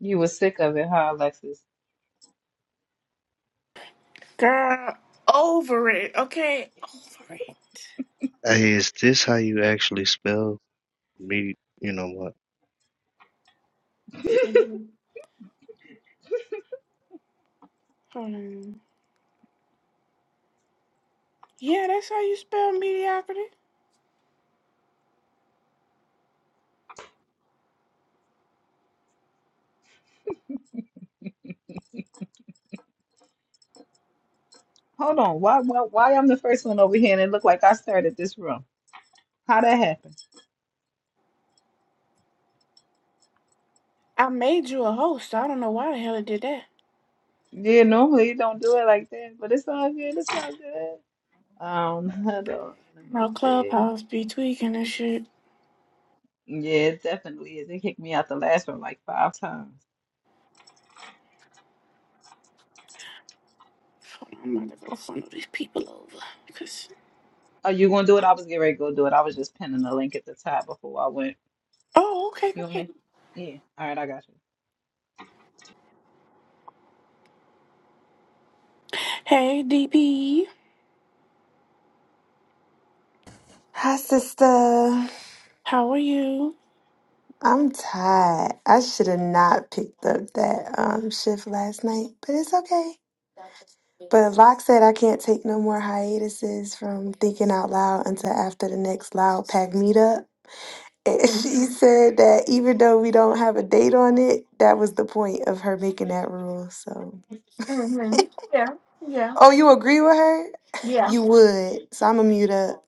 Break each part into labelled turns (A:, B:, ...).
A: You were sick of it, huh, Alexis?
B: Girl, over it, okay? Over it.
C: Hey, is this how you actually spell me? You know what?
B: Hold on. Yeah, that's how you spell mediocrity.
A: Hold on. Why, why, why I'm the first one over here and it looked like I started this room? How that happened?
B: I made you a host. I don't know why the hell I did that.
A: Yeah, normally you don't do it like that, but it's all good. It's all good. Um, hold on. Let me
B: My clubhouse be
A: see.
B: tweaking and shit.
A: Yeah, it definitely is. They kicked me out the last one like five times.
B: Hold on, I'm about to go funnel these people over. Cause...
A: Oh, you gonna do it? I was getting ready to go do it. I was just pinning the link at the top before I went.
B: Oh, okay,
A: You and
B: okay.
A: me? Yeah. All right, I got you.
B: Hey, DP.
D: Hi, sister.
B: How are you?
D: I'm tired. I should have not picked up that um, shift last night, but it's okay. But Locke said I can't take no more hiatuses from thinking out loud until after the next loud pack meetup. And
B: hmm
D: she said that even though we don't have a date on it, that was the point of her making that rule. So,
B: hmm Yeah, yeah,
D: oh, you agree with her?
B: yeah.
D: You would. So I'm a mute up.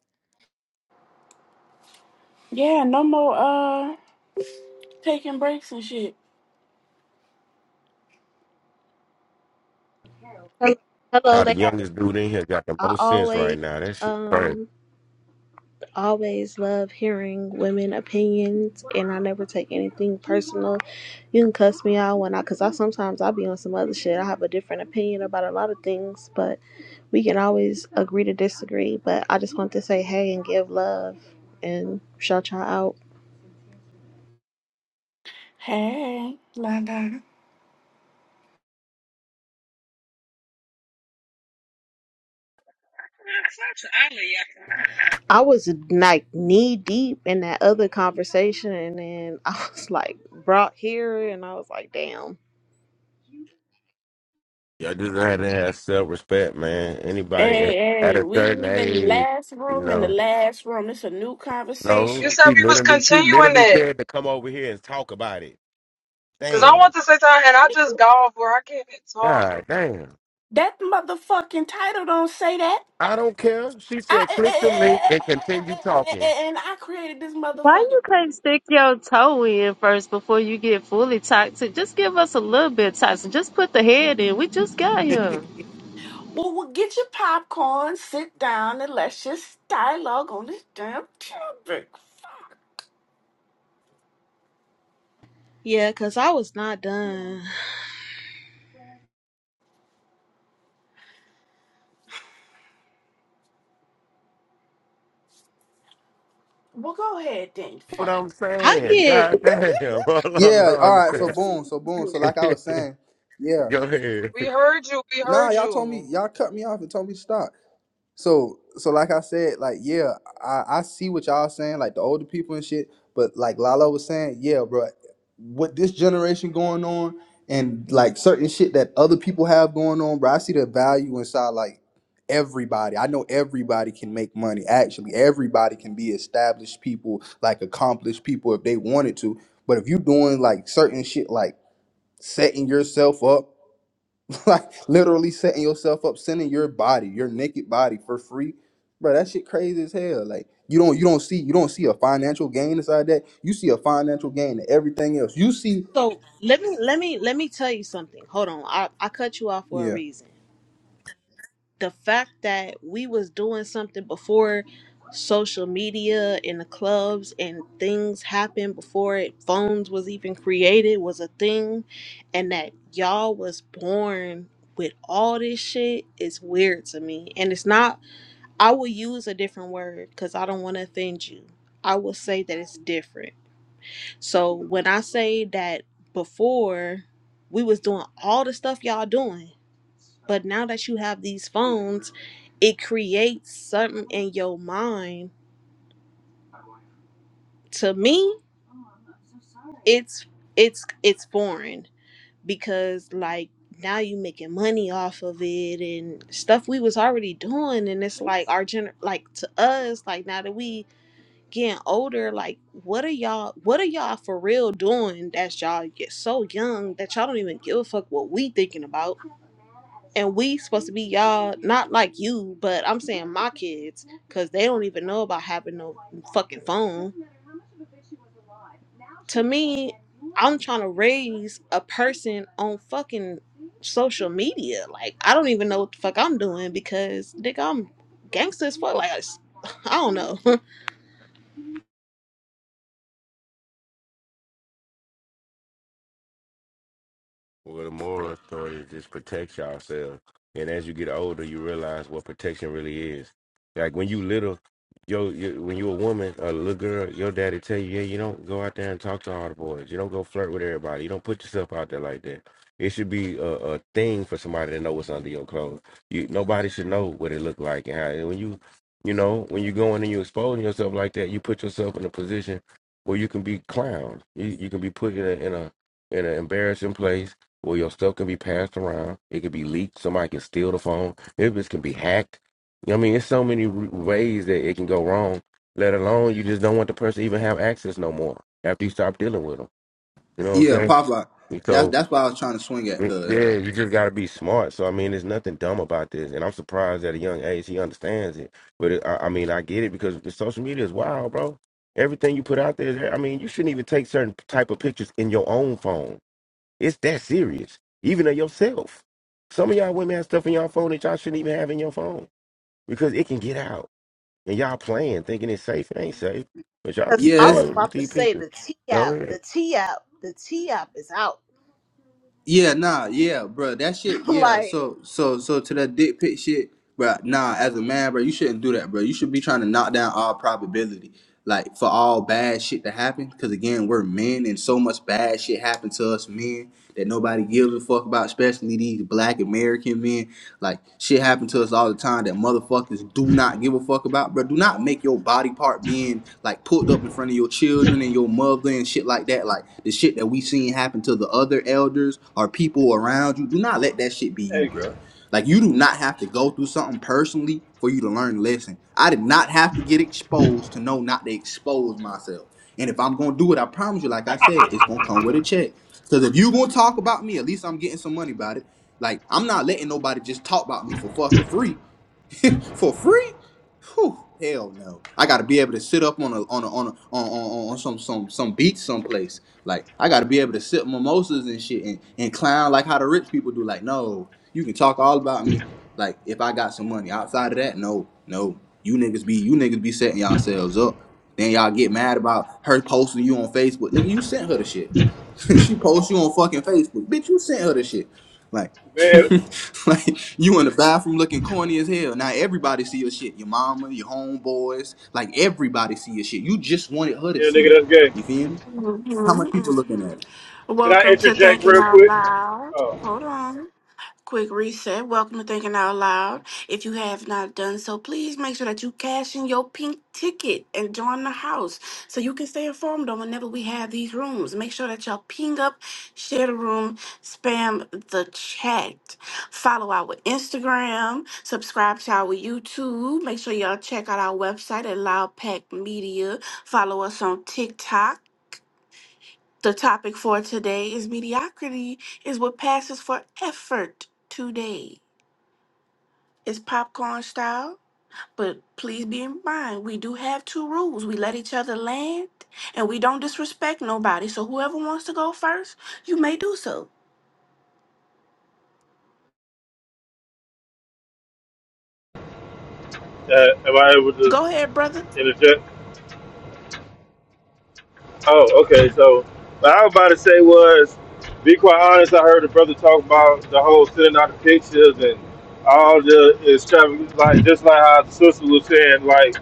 B: Yeah, no more uh taking breaks and shit.
E: Hello, hello,
F: how the
E: ladies.
F: youngest dude in here got the
E: I
F: most sense
E: always,
F: right now. That shit crazy.
E: um, always love hearing women opinions, and I never take anything personal. You can cuss me out when I, cause I sometimes I be on some other shit. I have a different opinion about a lot of things, but we can always agree to disagree. But I just want to say hey and give love and shout y'all out.
B: Hey, la la.
E: I was like knee deep in that other conversation, and then I was like brought here, and I was like, damn.
F: Y'all just had to have self respect, man. Anybody at,
B: Hey,
F: at
B: hey,
F: a
B: we
F: certain
B: leaving
F: age,
B: last
F: you
B: room in the
F: know.
B: last room. It's a new
F: No,
G: You
B: conversation.
G: said
F: she
G: we was
F: literally, she
G: continuing
F: literally
G: that.
F: said to come over here and talk about it.
G: Cause I
F: Damn,
G: want to say something and I just got off where I can't talk.
F: God, damn.
B: That motherfucking title don't say that.
F: I don't care. She
B: I
F: said,
B: eh, eh,
F: click the link
B: eh, eh, eh,
F: and
B: eh,
F: continue
B: eh, eh,
F: talking.
B: eh, and I created this
H: Why
B: motherfucking.
H: you can't stick your toe in first before you get fully toxic? Just give us a little bit toxic. Just put the head in. We just got here.
B: Well, well, get your popcorn, sit down, and let's just dialogue on this damn topic. Fuck.
E: Yeah, cause I was not done.
B: Well, go ahead, then.
F: what I'm
B: Fuck.
E: I
F: saying,
E: get
F: God damn. Hold on, hold
I: Yeah, all
F: on.
I: right.
B: I'm
I: So
B: sick
I: boom, so
B: of
I: boom. So
B: you.
I: like I was saying, yeah.
F: Go ahead.
G: We heard you. We
I: Nah,
G: heard
I: y'all told me
G: you.
I: y'all cut me off and told me to stop. So so like I said, like yeah, I I see what y'all saying, like the older people and shit. But like Lala was saying, yeah, bro, with this generation going on and like certain shit that other people have going on, bro, I see the value inside like everybody. I know everybody can make money. Actually, everybody can be established people, like accomplished people if they wanted to. But if you doing like certain shit like setting yourself up, like literally setting yourself up, sending your body, your naked body for free. Bro, that shit crazy as hell. Like you don't you don't see you don't see a financial gain inside that. You see a financial gain in everything else. You see
E: so let me let me let me tell you something. Hold on, I I cut you off for a
I: Yeah.
E: reason. The fact that we was doing something before social media and the clubs and things happened before it, phones was even created was a thing, and that y'all was born with all this shit is weird to me. And it's not. I will use a different word because I don't want to offend you. I will say that it's different So when I say that before we was doing all the stuff y'all doing, but now that you have these phones, it creates something in your mind. To me, it's it's it's foreign because like now you making money off of it and stuff we was already doing and it's like our gener like to us like now that we getting older, like what are y'all what are y'all for real doing that's y'all get so young that y'all don't even give a fuck what we thinking about. And we supposed to be y'all not like you, but I'm saying my kids, cause they don't even know about having no fucking phone. To me, I'm trying to raise a person on fucking social media. Like I don't even know what the fuck I'm doing because nigga I'm gangster as fuck. Like I s- I don't know.
F: Well, the moral of the story is just protect yourself. And as you get older, you realize what protection really is. Like when you little, yo, you, when you a woman, a little girl, your daddy tell you, yeah, you don't go out there and talk to all the boys. You don't go flirt with everybody. You don't put yourself out there like that. It should be a, a thing for somebody to know what's under your clothes. You nobody should know what it look like and how. And when you, you know, when you going and you exposing yourself like that, you put yourself in a position where you can be clowned. You you can be put in a in a in an embarrassing place where your stuff can be passed around. It could be leaked. Somebody can steal the phone. It just can be hacked. You know what I mean, there's so many r- ways that it can go wrong. Let alone you just don't want the person to even have access no more after you stop dealing with them. You know what I'm
I: Yeah,
F: saying?
I: pop lock.
F: And
I: That's
F: So
I: that's what I was trying to swing at,
F: mm,
I: cuz.
F: yeah, you just gotta be smart. So I mean, there's nothing dumb about this, and I'm surprised at a young age he understands it. But it, I, I mean, I get it because the social media is wild, bro. Everything you put out there, is- I mean, you shouldn't even take certain type of pictures in your own phone. It's that serious, even of yourself. Some of y'all women have stuff in y'all phone that y'all shouldn't even have in your phone because it can get out. And y'all playing, thinking it's safe. It ain't safe. But y'all
E: Cause
F: keep
E: I
I: yes.
E: was
F: playing with
E: about to
F: these
E: say
F: pictures.
E: the T
F: No,
E: app,
F: it
E: the
F: ain't.
E: T app, the T app is out.
I: Yeah, nah, yeah, bro. That shit, yeah.
E: like,
I: So, so, so to that dick pic shit, bro. Nah, as a man, bro, you shouldn't do that, bro. You should be trying to knock down all probability, like for all bad shit to happen. Because again, we're men, and so much bad shit happened to us men that nobody gives a fuck about, especially these Black American men. Like shit happened to us all the time that motherfuckers do not give a fuck about, bro. Do not make your body body part being like pulled up in front of your children and your mother and shit like that, like the shit that we seen happen to the other elders or people around you, do not let that shit be you,
J: Hey,
I: bro. Like you do not have to go through something personally for you to learn a lesson. I did not have to get exposed to know not to expose myself. And if I'm gonna do it, I promise you, like I said, it's gonna come with a check. Cause if you gonna talk about me, at least I'm getting some money about it. Like I'm not letting nobody just talk about me for fucking free. for free? Whew, hell no. I gotta be able to sit up on a on a on a, on, on, on some some some beach someplace. Like I gotta be able to sip mimosas and shit and, and clown like how the rich people do. Like no, you can talk all about me. Like if I got some money outside of that, no, no. You niggas be you niggas be setting yourselves up. Then y'all get mad about her posting you on Facebook. Nigga, you sent her the shit. she posts you on fucking Facebook. Bitch, you sent her the shit. Like,
J: man,
I: like you in the bathroom looking corny as hell. Now everybody see your shit. Your mama, your homeboys, like everybody see your shit. You just wanted her to
J: yeah,
I: see it.
J: nigga, that's gay.
I: You feel me?
B: hmm
I: How much people looking
B: hmm
I: at it?
J: Can I
B: Welcome to
J: interject
B: Thinking
J: real
B: Out
J: quick?
B: Loud.
J: Oh,
B: Hold on. Quick reset. Welcome to Thinking Out Loud. If you have not done so, please make sure that you cash in your pink ticket and join the house so you can stay informed on whenever we have these rooms. Make sure that y'all ping up, share the room, spam the chat. Follow our Instagram, subscribe to our YouTube. Make sure y'all check out our website at Loud Pack Media. Follow us on TikTok. The topic for today is mediocrity is what passes for effort today. It's popcorn style, but please be in mind we do have two rules. We let each other land and we don't disrespect nobody. So whoever wants to go first, you may do so.
J: uh, am I able to
B: Go ahead, brother.
J: interject? Oh, okay. So what I was about to say was, be quite honest. I heard the brother talk about the whole sending out the pictures and all the extravagant, like just like how the sister was saying, like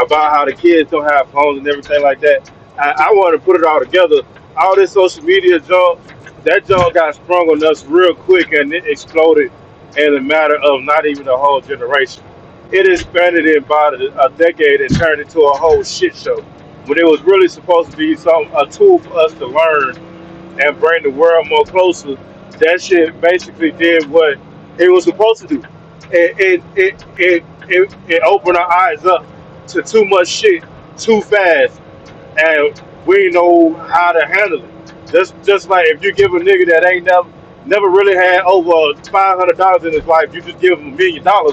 J: about how the kids don't have phones and everything like that. I, I want to put it all together. All this social media junk, that junk got sprung on us real quick and it exploded in a matter of not even a whole generation it expanded it about a a decade and turned into a whole shit show. When it was really supposed to be some a tool for us to learn and bring the world more closer, that shit basically did what it was supposed to do. It it it it it, it opened our eyes up to too much shit too fast, and we know how to handle it. Just just like if you give a nigga that ain't never never really had over five hundred dollars in his life, you just give him a million dollars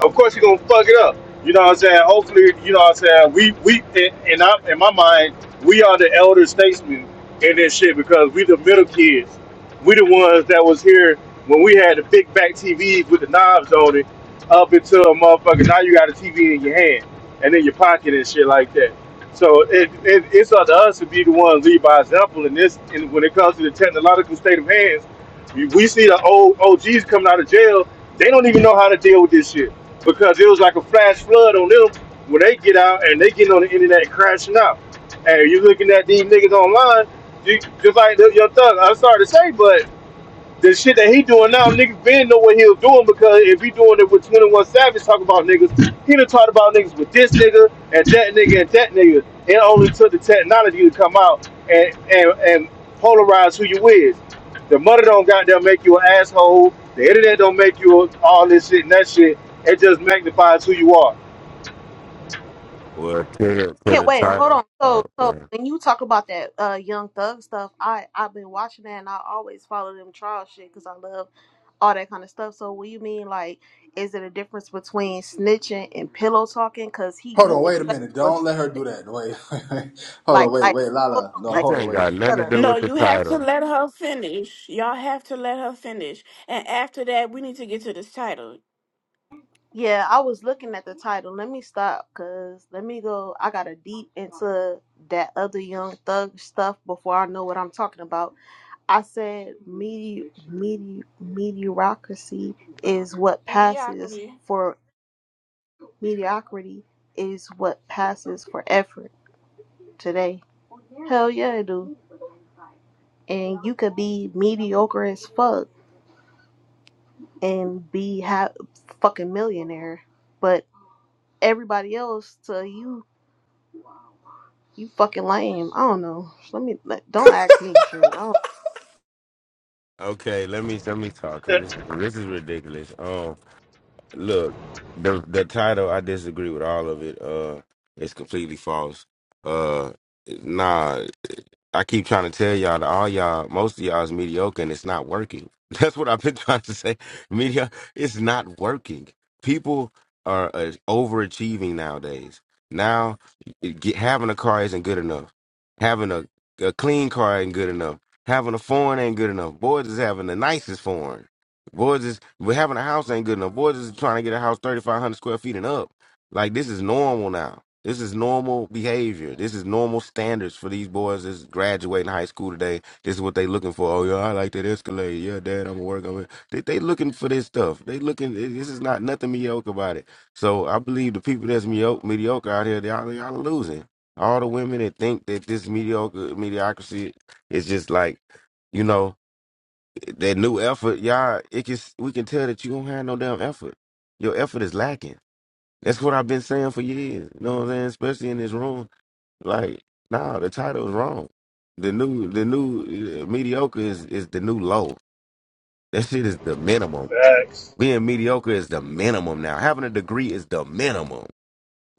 J: of course you're gonna fuck it up. You know what I'm saying? Hopefully, you know what I'm saying. We we in in, our, in my mind, we are the elder statesmen in this shit because we the middle kids. We the ones that was here when we had the big back TVs with the knobs on it, up until a motherfucker. Now you got a TV in your hand and in your pocket and shit like that. So it, it, it's up to us to be the ones lead by example in this. And when it comes to the technological state of hands we see the old OGs coming out of jail, they don't even know how to deal with this shit because it was like a flash flood on them when they get out and they get on the internet crashing out. And you looking at these niggas online, you, just like the, your thug. I'm sorry to say, but the shit that he doing now, niggas Ben know what he was doing because if he doing it with 21 Savage talking about niggas, he done talked about niggas with this nigga and that nigga and that nigga. It only took the technology to come out and and, and polarize who you is. The mother don't goddamn make you an asshole. The internet don't make you a- all this shit and that shit. It just magnifies who you are.
F: Well, to the, to
E: can't
F: the
E: wait. Hold
F: title.
E: on.
F: Oh,
E: So, so
F: man.
E: when you talk about that uh Young Thug stuff, I I've been watching that and I always follow them trial shit because I love all that kind of stuff. So, what you mean? Like, is it a difference between snitching and pillow talking? Cause he,
I: Hold
E: you
I: on,
E: didn't
I: wait a
E: say it
I: minute.
E: was
I: Don't let her do that. Wait, wait, wait. hold
E: like,
I: on, wait,
E: like,
I: wait,
E: hold
I: Lala.
E: on,
I: No,
E: like,
F: This
I: hold on,
F: ain't
I: wait.
F: got nothing
E: shut
F: to
E: up.
F: do
B: No,
F: with the
B: you have to
F: title.
B: let her finish. Y'all have to let her finish. And after that, we need to get to this title.
E: Yeah, I was looking at the title. Let me stop because let me go. I gotta deep into that other Young Thug stuff before I know what I'm talking about. I said medi- medi- mediocrity is what passes
B: Mediocrity.
E: for mediocrity is what passes for effort today. Hell yeah, it do. And you could be mediocre as fuck and be ha- fucking millionaire, but everybody else to you You fucking lame. I don't know. Let me let, don't ask me shit. I don't.
F: Okay, let me let me talk because this is this is ridiculous. Um, look, the the title I disagree with all of it. Uh, it's completely false. Uh, nah. I keep trying to tell y'all that all y'all, most of y'all is mediocre and it's not working. That's what I've been trying to say. Media, it's not working. People are uh, overachieving nowadays. Now, it get, having a car isn't good enough. Having a, a clean car ain't good enough. Having a foreign ain't good enough. Boys is having the nicest foreign. Boys is, but having a house ain't good enough. Boys is trying to get a house 3,500 square feet and up. Like this is normal now. This is normal behavior. This is normal standards for these boys that's graduating high school today. This is what they looking for. Oh yeah, I like that Escalade. Yeah, Dad, I'm gonna work on it. They, they looking for this stuff. They looking. This is not nothing mediocre about it. So I believe the people that's mediocre, mediocre out here, y'all, y'all are losing. All the women that think that this mediocre mediocrity is just like, you know, that new effort. Y'all, it can we can tell that you don't have no damn effort. Your effort is lacking that's what I've been saying for years. You know what I'm saying? Especially in this room. Like, nah, the title is wrong. The new, the new uh, mediocre is is the new low. That shit is the minimum.
J: Facts.
F: Being mediocre is the minimum now. Having a degree is the minimum.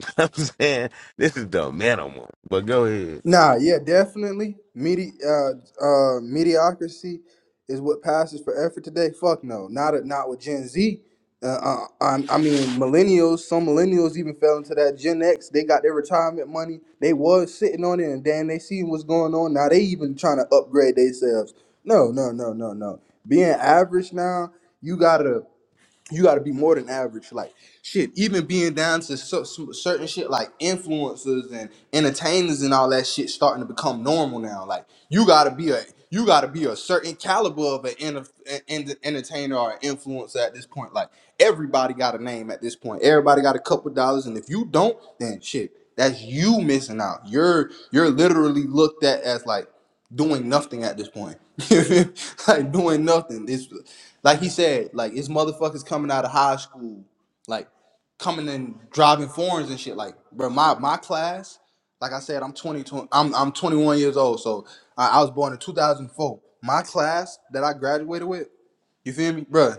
F: I'm saying this is the minimum. But go ahead.
I: Nah, yeah, definitely. Medi- uh, uh, mediocrity is what passes for effort today. Fuck no, not a, not with Gen Z. Uh, uh, I, I mean, millennials. Some millennials even fell into that Gen X. They got their retirement money. They was sitting on it, and then they see what's going on. Now they even trying to upgrade themselves. No, no, no, no, no. Being average now, you gotta you got to be more than average. Like shit, even being down to so, some certain shit like influencers and entertainers and all that shit starting to become normal now. Like you got to be a you got to be a certain caliber of an, en- en- entertainer or an influencer at this point. Like everybody got a name at this point. Everybody got a couple dollars, and if you don't, then shit, that's you missing out. You're you're literally looked at as like doing nothing at this point. You feel me? like doing nothing. It's like he said, like it's motherfuckers coming out of high school, like coming and driving foreigns and shit. Like, bro, my my class, like I said, I'm 20, twenty I'm I'm 21 years old, so I, I was born in 2004. My class that I graduated with, you feel me, bro?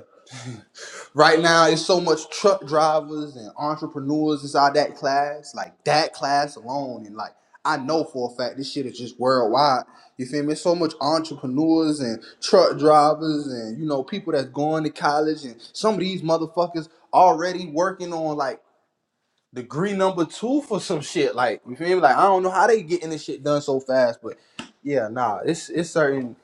I: Right now, it's so much truck drivers and entrepreneurs inside that class. Like that class alone, and like I know for a fact this shit is just worldwide. You feel me? so much entrepreneurs and truck drivers and you know people that's going to college and some of these motherfuckers already working on like degree number two for some shit. Like you feel me? Like I don't know how they getting this shit done so fast, but yeah, nah, it's it's certain.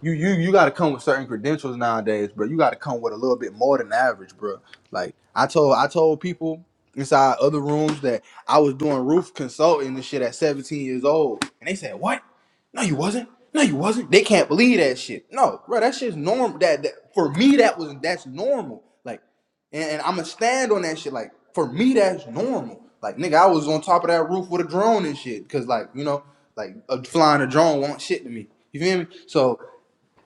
I: You you you got to come with certain credentials nowadays, bro. You got to come with a little bit more than average, bro. Like I told I told people inside other rooms that I was doing roof consulting and shit at 17 years old, and they said, "What? No, you wasn't." No, you wasn't. They can't believe that shit. No, bro, that shit's normal. That, that for me, that was that's normal. Like. And, and I'ma stand on that shit. Like for me, that's normal. Like nigga, I was on top of that roof with a drone and shit. Cause like you know, like a, flying a drone won't shit to me. You feel me? So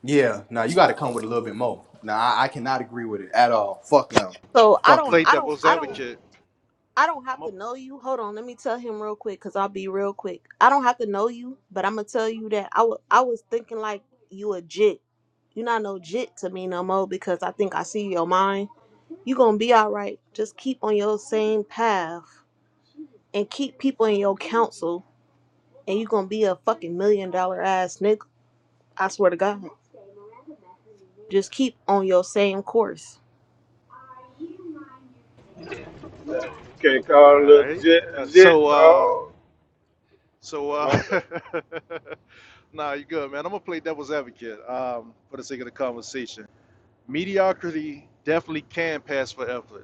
I: yeah, now you got to come with a little bit more. Now I, I cannot agree with it at all. Fuck no.
E: So I
I: Fuck
E: don't.
K: play
I: no.
E: I don't.
K: devil's
E: I don't.
K: advocate.
E: I don't
K: I'm
E: have
K: up.
E: to know you. Hold on. Let me tell him real quick, cause I'll be real quick. I don't have to know you, but I'm gonna tell you that I wa- I was thinking like you a jit. You not no jit to me no more because I think I see your mind. You gonna be all right. Just keep on your same path and keep people in your counsel, and you gonna be a fucking million dollar ass nigga. I swear to God. Just keep on your same course.
J: Can't
K: All
J: call it
K: right.
J: legit,
K: Uh, so,
J: legit, dog.
K: uh,
J: Oh,
K: so,
J: my
K: uh,
J: bad.
K: nah, you're good, man. I'm gonna play devil's advocate um, for the sake of the conversation. Mediocrity definitely can pass for effort.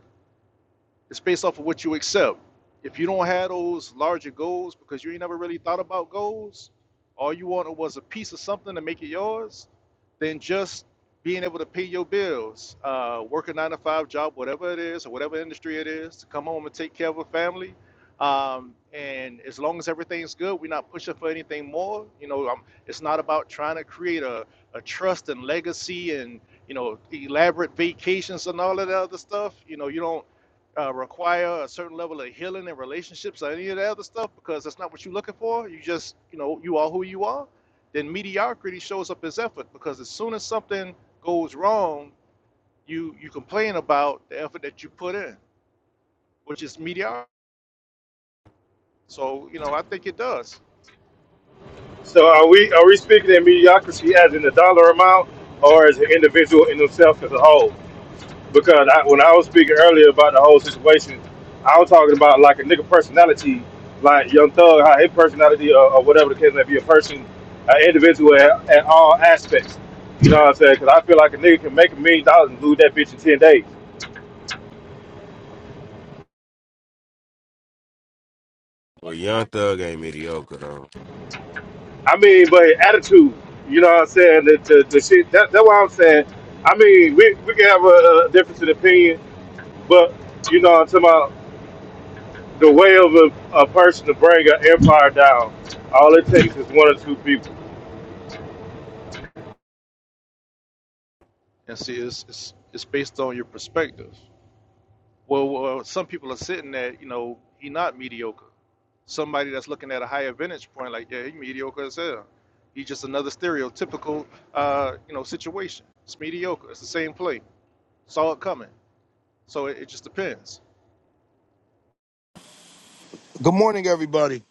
K: It's based off of what you accept. If you don't have those larger goals because you ain't never really thought about goals, all you wanted was a piece of something to make it yours, then just being able to pay your bills, uh, work a nine to five job, whatever it is, or whatever industry it is, to come home and take care of a family. Um, and as long as everything's good, we're not pushing for anything more. You know, um, it's not about trying to create a, a trust and legacy and, you know, elaborate vacations and all of that other stuff. You know, you don't uh, require a certain level of healing and relationships or any of that other stuff because that's not what you're looking for. You just, you know, you are who you are. Then mediocrity shows up as effort because as soon as something goes wrong, you you complain about the effort that you put in, which is mediocrity. So you know, I think it does.
J: So are we are we speaking in mediocrity as in the dollar amount, or as an individual in himself as a whole? Because I, when I was speaking earlier about the whole situation, I was talking about like a nigga personality, like Young Thug, how his personality or, or whatever the case may be, a person, an individual at, at all aspects. You know what I'm saying? Because I feel like a nigga can make a million dollars and lose that bitch in ten days.
F: Well, Young Thug ain't mediocre though.
J: I mean, but attitude, you know what I'm saying? The, the, the shit. That, that's what I'm saying. I mean, we, we can have a, a difference in opinion But you know, I'm talking about the way of a, a person to bring an empire down. All it takes is one or two people.
K: And see, it's it's, it's based on your perspective. Well, well, some people are sitting there, you know, he's not mediocre. somebody that's looking at a higher vantage point, like, yeah, he's mediocre as hell. He's just another stereotypical, uh, you know, situation. It's mediocre. It's the same play. Saw it coming. So it, it just depends.
L: Good morning, everybody.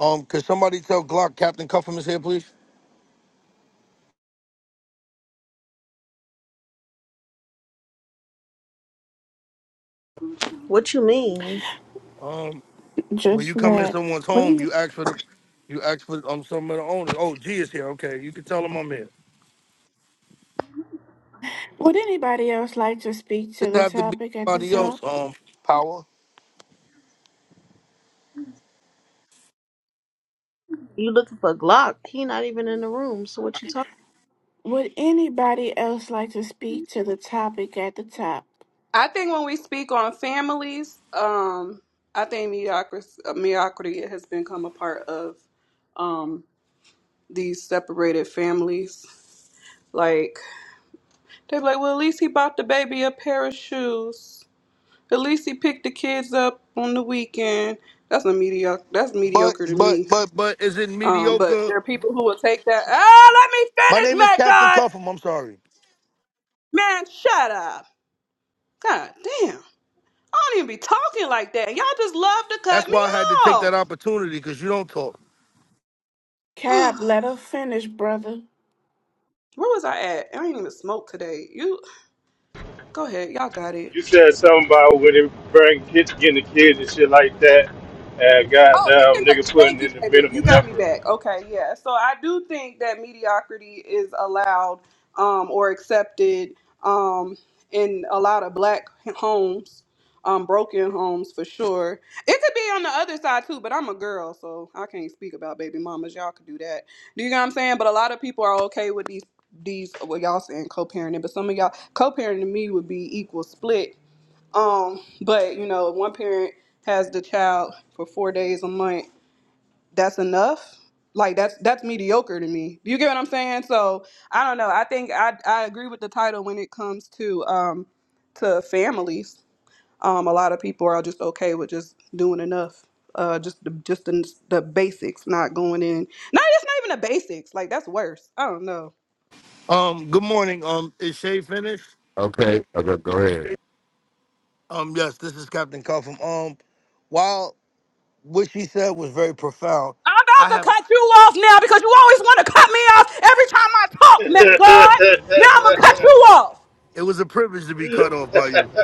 L: Um, could somebody tell Glock Captain Cuffham is here, please?
E: What you mean?
L: Um, when
B: Just
L: you come in
B: that.
L: someone's home, you ask for the, you ask for um some of the owners. Oh, G is here. Okay, you can tell him I'm here.
B: Would anybody else like to speak to
L: Does
B: the
L: have to be
B: topic at the
L: somebody
B: top?
L: else. Um, power.
E: You looking for Glock? He not even in the room. So what you talking?
B: Would anybody else like to speak to the topic at the top?
M: I think when we speak on families, um, I think mediocrity, uh, mediocrity has become a part of um, these separated families. Like they're like, well, at least he bought the baby a pair of shoes. At least he picked the kids up on the weekend. That's a mediocre. That's
L: But
M: mediocre to
L: but
M: me.
L: but but is it
M: Um, but
L: mediocre?
M: there are people who will take that. Oh, let
L: My
M: me finish,
L: name is
M: Matt.
L: Captain
M: God,
L: Cuffham. I'm sorry.
M: man, shut up. God damn, I don't even be talking like that. Y'all just love to cut
L: That's
M: me
L: why I had to take that
M: off.
L: opportunity because you don't talk.
M: Where
B: Cap, let her finish, brother.
M: was I at? I ain't even smoked today. You go ahead. Y'all got it.
J: You said something about when they bring kids, getting the kids and shit like that, and
M: Oh, it can
J: goddamn
M: go.
J: niggas putting
M: Thank you,
J: in the
M: baby. You
J: minimum
M: got me
J: effort.
M: back. Okay, yeah. So I do think that mediocrity is allowed um, or accepted um, in a lot of black homes, um, broken homes for sure. It could be on the other side too, but I'm a girl, so I can't speak about baby mamas. Y'all could do that. Do you know what I'm saying? But a lot of people are okay with these these. Well, y'all saying co-parenting, but some of y'all co-parenting to me would be equal split Um, but you know, if one parent has the child for four days a month, that's enough. Like that's that's mediocre to me. You get what I'm saying? So I don't know. I think I I agree with the title when it comes to um to families. Um, a lot of people are just okay with just doing enough. Uh, just the just the, the basics, not going in. No, it's not even the basics. Like that's worse. I don't know.
L: Um, good morning. Um, is Shay finished?
F: Okay. Okay. Go ahead.
L: Um, yes, this is Captain Cuffham. Um, while what she said was very profound,
M: I'm
L: I
M: about to
L: have.
M: cut you off now because you always want to cut me off every time I talk, Matt God. Now I'm gonna cut you off.
L: It was a privilege to be cut off by you.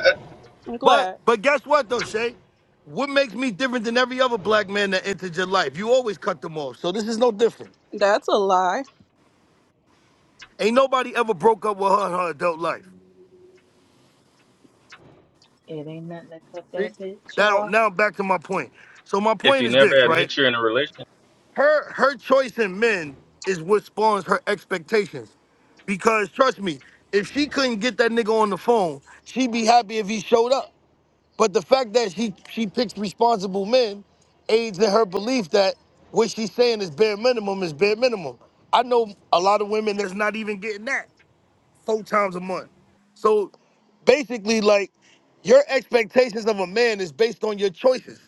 M: I'm
L: But
M: glad.
L: but guess what though, Shay? What makes me different than every other black man that entered your life? You always cut them off, so this is no different.
M: That's a lie.
L: Ain't nobody ever broke up with her in her adult life.
A: It ain't nothing to cut
L: See?
A: that bitch
L: Now
A: off.
L: now back to my point. So my
N: if
L: point
N: you
L: is
N: never
L: this, right?
N: admit you're in a relationship,
L: Her her choice in men is what spawns her expectations. Because trust me, if she couldn't get that nigga on the phone, she'd be happy if he showed up. But the fact that she she picks responsible men aids in her belief that what she's saying is bare minimum is bare minimum. I know a lot of women that's not even getting that four times a month. So basically, like your expectations of a man is based on your choices.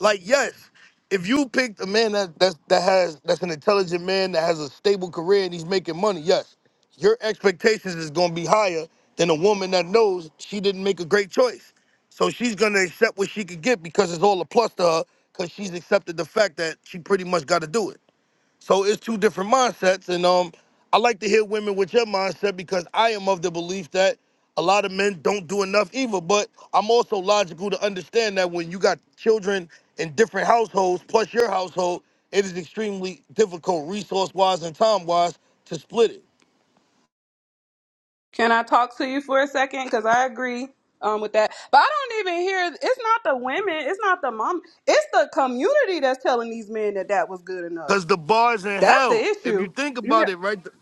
L: Like, yes, if you picked a man that that that has that's an intelligent man that has a stable career and he's making money, yes, your expectations is gonna be higher than a woman that knows she didn't make a great choice. So she's gonna accept what she could get because it's all a plus to her, because she's accepted the fact that she pretty much gotta do it. So it's two different mindsets, and um, I like to hear women with your mindset because I am of the belief that a lot of men don't do enough either. But I'm also logical to understand that when you got children in different households, plus your household, it is extremely difficult, resource-wise and time-wise, to split it.
M: Can I talk to you for a second? Because I agree um, with that. But I don't even hear it's not the women, it's not the mom, it's the community that's telling these men that that was good enough.
L: Cause the bar's in
M: That's the
L: hell. If you
M: issue.
L: think about it, right? th-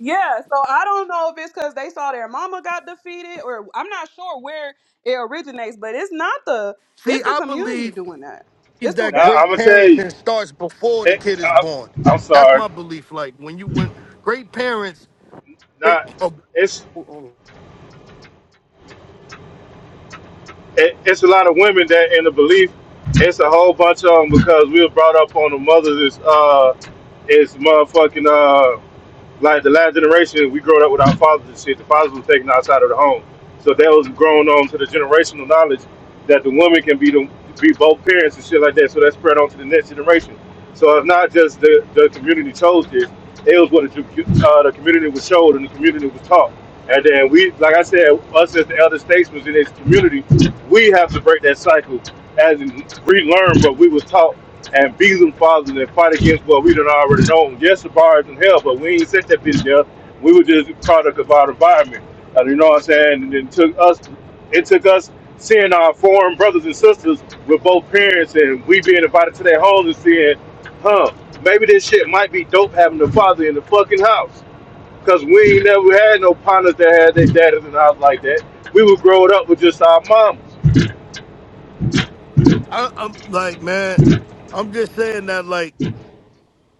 M: Yeah, so I don't know if it's because they saw their mama got defeated, or I'm not sure where it originates, but it's not the
L: See,
M: it's the
L: I
M: community
L: believe
M: doing that. It's the
L: that
J: now
M: they're.
J: I'm
L: great
J: gonna tell you,
L: parenting starts before the
J: it,
L: kid is
J: I,
L: born.
J: I'm
L: That's
J: sorry.
L: my belief. Like when you when great parents, great
J: Not it's it, it's a lot of women that in the belief. It's a whole bunch of them because we were brought up on the mothers is uh is motherfucking uh. like the last generation, we growing up with our fathers and shit. The fathers were taken outside of the home, so that was grown on to the generational knowledge that the woman can be the be both parents and shit like that. So that spread on to the next generation. So it's not just the, the community chose this; it was what the, uh, the community was showed and the community was taught. And then we, like I said, us as the elder statesmen in this community, we have to break that cycle as in relearn what we was taught and beat them fathers and fight against what we done already known. Yes, the bar is in hell, but we ain't set that bitch there. We were just a product of our environment. Uh, you know what I'm saying? And it took us it took us seeing our foreign brothers and sisters with both parents and we being invited to their homes and seeing, huh, maybe this shit might be dope having a father in the fucking house. Cause we ain't never had no partners that had their daddies in the house like that. We were growing up with just our mamas.
L: I, I'm like, man, I'm just saying that, like,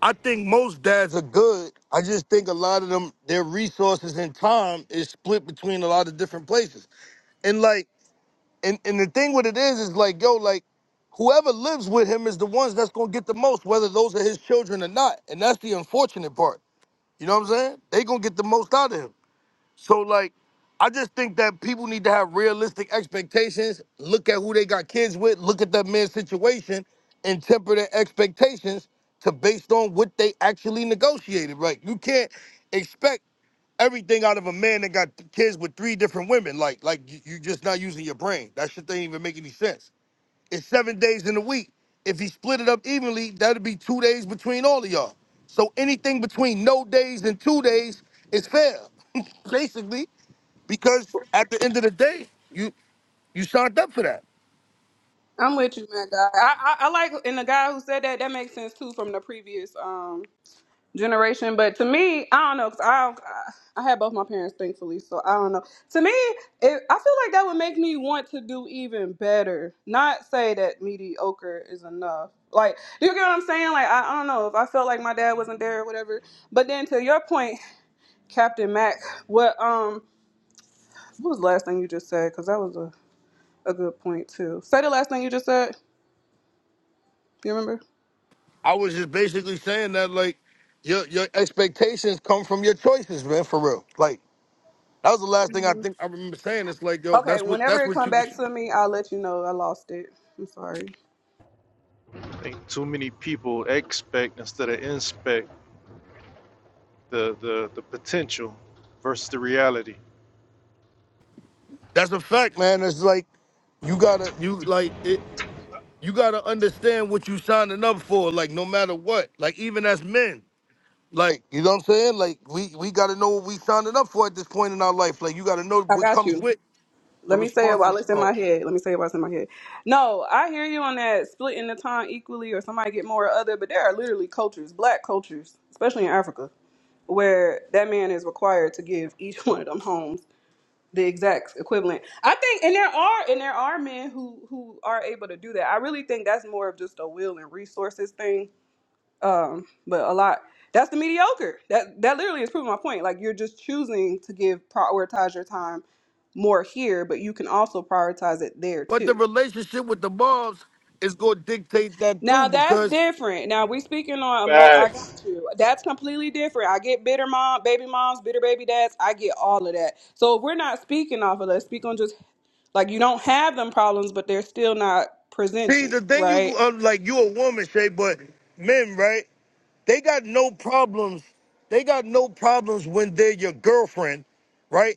L: I think most dads are good. I just think a lot of them, their resources and time is split between a lot of different places. And like, and, and the thing with it is, is like, yo, like, whoever lives with him is the ones that's gonna get the most, whether those are his children or not. And that's the unfortunate part. You know what I'm saying? They gonna get the most out of him. So like, I just think that people need to have realistic expectations. Look at who they got kids with. Look at that man's situation, and temper their expectations to based on what they actually negotiated. Right? You can't expect everything out of a man that got th- kids with three different women. Like, like you, you just not using your brain. That shit doesn't even make any sense. It's seven days in a week. If he split it up evenly, that'd be two days between all of y'all. So anything between no days and two days is fair, basically, because at the end of the day, you you signed up for that.
M: I'm with you, man, guy. I, I I like and the guy who said that that makes sense too from the previous um generation. But to me, I don't know because I I had both my parents, thankfully, so I don't know. To me, it, I feel like that would make me want to do even better. Not say that mediocre is enough. Like, do you get what I'm saying? Like, I, I don't know if I felt like my dad wasn't there or whatever. But then to your point, Captain Mac, what um, what was the last thing you just said? Because that was a a good point too. Say the last thing you just said. Do You remember?
L: I was just basically saying that like your your expectations come from your choices, man, for real. Like that was the last thing I think I remember saying. It's like, yo,
M: Okay.
L: that's what
M: Whenever
L: that's
M: it
L: what
M: come
L: you
M: back to me, I'll let you know I lost it. I'm sorry.
K: I think too many people expect instead of inspect the, the, the potential versus the reality.
L: that's a fact, man. It's like you gotta you like it, you gotta understand what you signing up for, like no matter what. Like even as men. Like, you know what I'm saying? Like we we gotta know what we signing up for at this point in our life. Like you gotta know
M: I
L: what
M: got
L: comes
M: you.
L: with the
M: Let me say it while
L: responsibility.
M: it's in my
L: oh.
M: head. Let me say it while it's in my head. No, I hear you on that splitting the time equally or somebody get more or other, but there are literally cultures, black cultures, especially in Africa, where that man is required to give each one of them homes the exact equivalent. I think and there are and there are men who who are able to do that. I really think that's more of just a will and resources thing um, but a lot. That's the mediocre. That that literally is proving my point. Like you're just choosing to give prioritize your time more here, but you can also prioritize it there
L: But the
M: too.
L: relationship with the moms is gonna dictate that too,
M: Now that's
L: because
M: different. Now we speaking on emo. I got
J: Facts.
M: you. That's completely different. I get bitter mom, baby moms, bitter baby dads. I get all of that. So if we're not speaking off of that. Speak on just like you don't have them problems, but they're still not
L: see the
M: presenting,
L: thing you
M: right?
L: uh, like you a woman, Shay, but men, right? They got no problems. They got no problems when they're your girlfriend, right?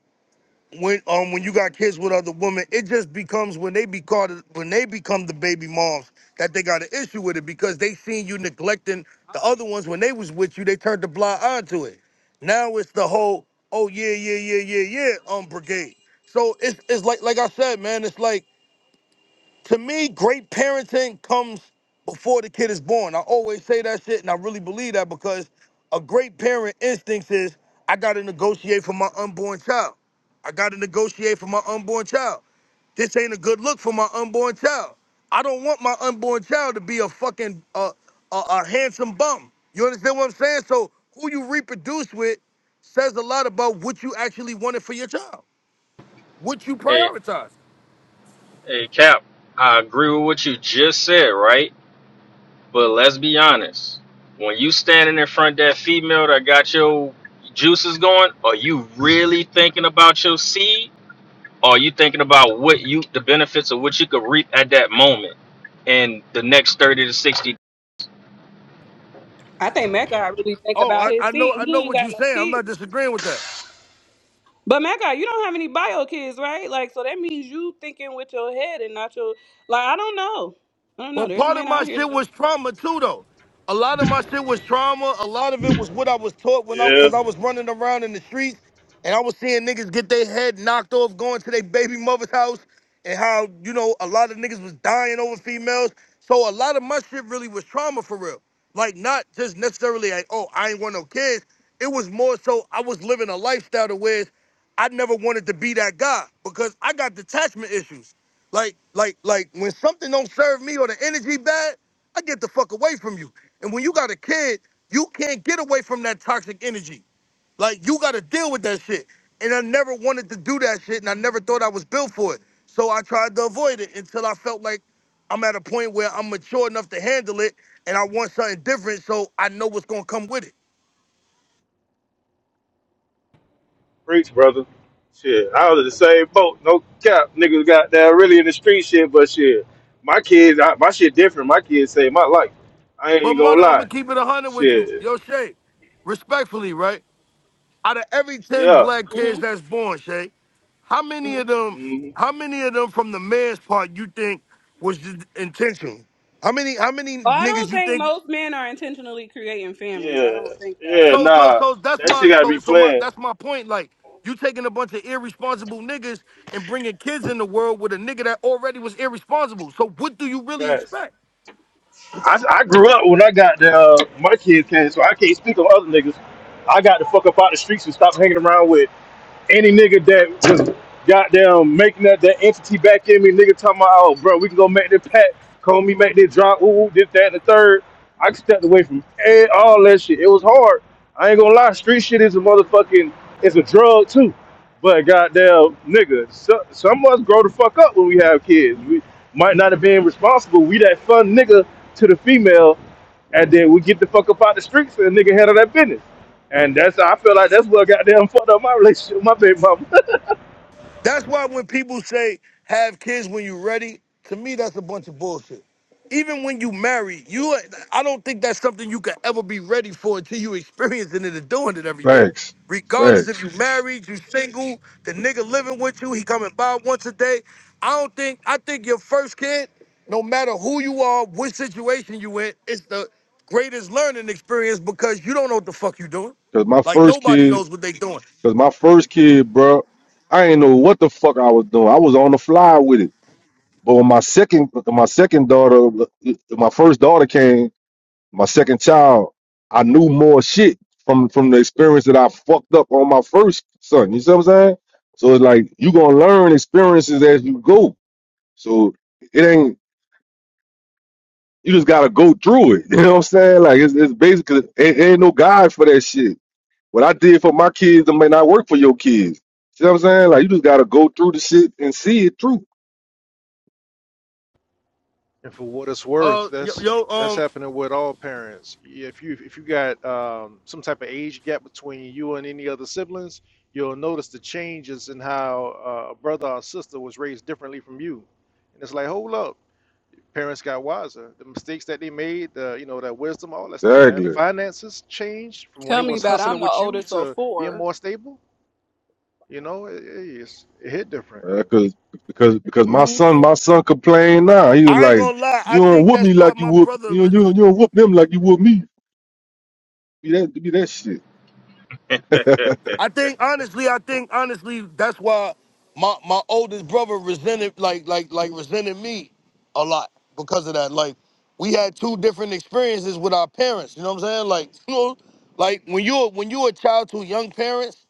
L: when um when you got kids with other women, it just becomes when they be caught when they become the baby moms that they got an issue with it because they seen you neglecting the other ones when they was with you, they turned the blind eye to it. Now it's the whole oh yeah yeah yeah yeah yeah um brigade. So it's it's like like I said, man, it's like to me, great parenting comes before the kid is born. I always say that shit, and I really believe that because a great parent instinct is I gotta negotiate for my unborn child. I gotta negotiate for my unborn child. This ain't a good look for my unborn child. I don't want my unborn child to be a fucking uh, a, a handsome bum. You understand what I'm saying? So who you reproduce with says a lot about what you actually wanted for your child, what you
N: hey,
L: prioritize.
N: hey, Cap, I agree with what you just said, right? But let's be honest. When you standing in front of that female that got your juices going, are you really thinking about your seed? Or are you thinking about what you, the benefits of what you could reap at that moment and the next 30 to 60?
M: I think Mecca really think
L: Oh,
M: about
L: I,
M: his
L: I know
M: seat.
L: I
M: He
L: know
M: ain't
L: what
M: got
L: you are
M: no
L: saying. I'm
M: kids.
L: not disagreeing with that.
M: But Mecca, you don't have any bio kids, right? Like, so that means you thinking with your head and not your like. I don't know. I don't
L: Well,
M: know. There's
L: part of
M: men
L: my
M: out here.
L: shit
M: That,
L: was trauma too, though. A lot of my shit was trauma. A lot of it was what I was taught when I,
J: Yeah.
L: cause I was running around in the streets and I was seeing niggas get their head knocked off going to their baby mother's house and how, you know, a lot of niggas was dying over females. So a lot of my shit really was trauma for real. Like not just necessarily like, oh, I ain't want no kids. It was more so I was living a lifestyle to where I never wanted to be that guy because I got detachment issues. Like, like, like when something don't serve me or the energy bad, I get the fuck away from you. And when you got a kid, you can't get away from that toxic energy. Like you gotta deal with that shit. And I never wanted to do that shit and I never thought I was built for it. So I tried to avoid it until I felt like I'm at a point where I'm mature enough to handle it and I want something different so I know what's gonna come with it.
J: Preach, brother. Shit, I was in the same boat. No cap, niggas got down really in the street shit, but shit, my kids, I, my shit different. My kids saved my life. I ain't
L: But
J: even gonna
L: mother, I'm
J: lie.
L: gonna keep it a hundred with you.
J: Shit,
L: Yo Shay, respectfully, right? out of every 10
J: yeah,
L: black kids
M: hmm
L: that's born, Shay, how many
M: hmm
L: of them,
J: Mhm.
L: how many of them from the man's part you think was just intentional? How many, how many
M: Well, I
L: niggas
M: don't
L: you
M: think
L: think?
M: most men are intentionally creating families. I
J: yeah,
M: don't think that
J: yeah.
M: at
L: So,
M: all.
L: so,
J: Nah,
L: so that's
J: that
L: my,
J: shit gotta be
L: so, so my,
J: planned
L: that's my point. Like, you taking a bunch of irresponsible niggas and bringing kids in the world with a nigga that already was irresponsible. So, what do you really
J: fast.
L: expect?
J: I, I grew up when I got the uh, my kids came, so I can't speak on other niggas. I got the fuck up out the streets and stop hanging around with any nigga that just goddamn making that, that entity back in me, nigga talking about, oh, bro, we can go make this pack, call me, make this drop, ooh, ooh, this, that, and the third. I stepped away from eh, all that shit. It was hard. I ain't gonna lie, street shit is a motherfucking, it's a drug too. But goddamn, nigga, so, some of us grow the fuck up when we have kids. We might not have been responsible. We that fun nigga to the female, and then we get the fuck up out the streets and the nigga handle that business. And that's I feel like that's what goddamn fucked up my relationship with my baby mama.
L: That's why when people say have kids when you're ready, to me that's a bunch of bullshit. Even when you marry, you I don't think that's something you can ever be ready for until you experiencing it and doing it every day.
O: Facts,
L: Regardless if
O: facts.
L: you married, you single, the nigga living with you, he coming by once a day. I don't think I think your first kid, no matter who you are, which situation you in, it's the greatest learning experience because you don't know what the fuck you doing.
O: Cause my
L: Like
O: first
L: nobody
O: kid,
L: knows what they doing.
O: cause my first kid, bro, I ain't know what the fuck I was doing. I was on the fly with it. But when my second, my second daughter, my first daughter came, my second child, I knew more shit from from the experience that I fucked up on my first son. You see what I'm saying? So it's like you gonna learn experiences as you go. So it ain't you just gotta go through it. You know what I'm saying? Like it's, it's basically it ain't no guide for that shit. What I did for my kids that may not work for your kids. See what I'm saying? Like you just gotta go through the shit and see it through.
K: And for what it's worth,
L: Uh, yo,
K: that's
L: yo
K: that's
L: um,
K: happening with all parents. Yeah, If you if you got um, some type of age gap between you and any other siblings, you'll notice the changes in how uh, a brother or sister was raised differently from you. And it's like, hold up, parents got wiser. The mistakes that they made, the you know that wisdom, all that stuff, man. The
O: Exactly.
K: finances changed from when they
M: Tell me
K: was
M: about. It.
K: hustling
M: I'm the
K: with you
M: oldest of
K: to being
M: 4
K: more stable. You know, it, it's, it hit different.
O: Uh, cause because
M: hmm
O: because my
M: And
O: son my son complained now. He was
L: I ain't
O: like,
L: gonna lie. I
O: You don't
L: think
O: whoop
L: that's
O: me
L: why
O: like you
L: my
O: whoop
L: brother.
O: you don't- you
L: res-
O: don't, you don't whoop them like you whoop me. Be that be that shit.
L: I think honestly, I think honestly, that's why my my oldest brother resented like like like resented me a lot because of that. Like we had two different experiences with our parents. You know what I'm saying? Like you know, like when you're when you're a child to young parents,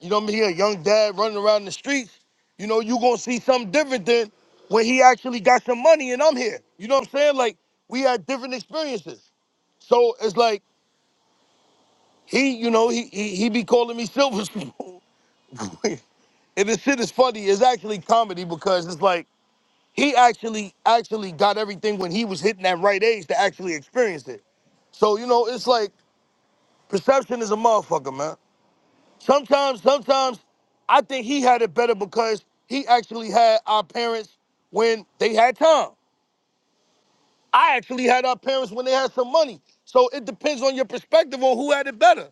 L: you know what I mean? A young dad running around the streets, you know you gonna see something different than when he actually got some money and I'm here. You know what I'm saying? Like we had different experiences. So it's like He, you know, he he, he be calling me Silver Spoon. and this shit is funny. It's actually comedy because it's like he actually actually got everything when he was hitting that right age to actually experience it. So you know, it's like perception is a motherfucker, man. Sometimes, sometimes I think he had it better because he actually had our parents when they had time. I actually had our parents when they had some money. So it depends on your perspective on who had it better.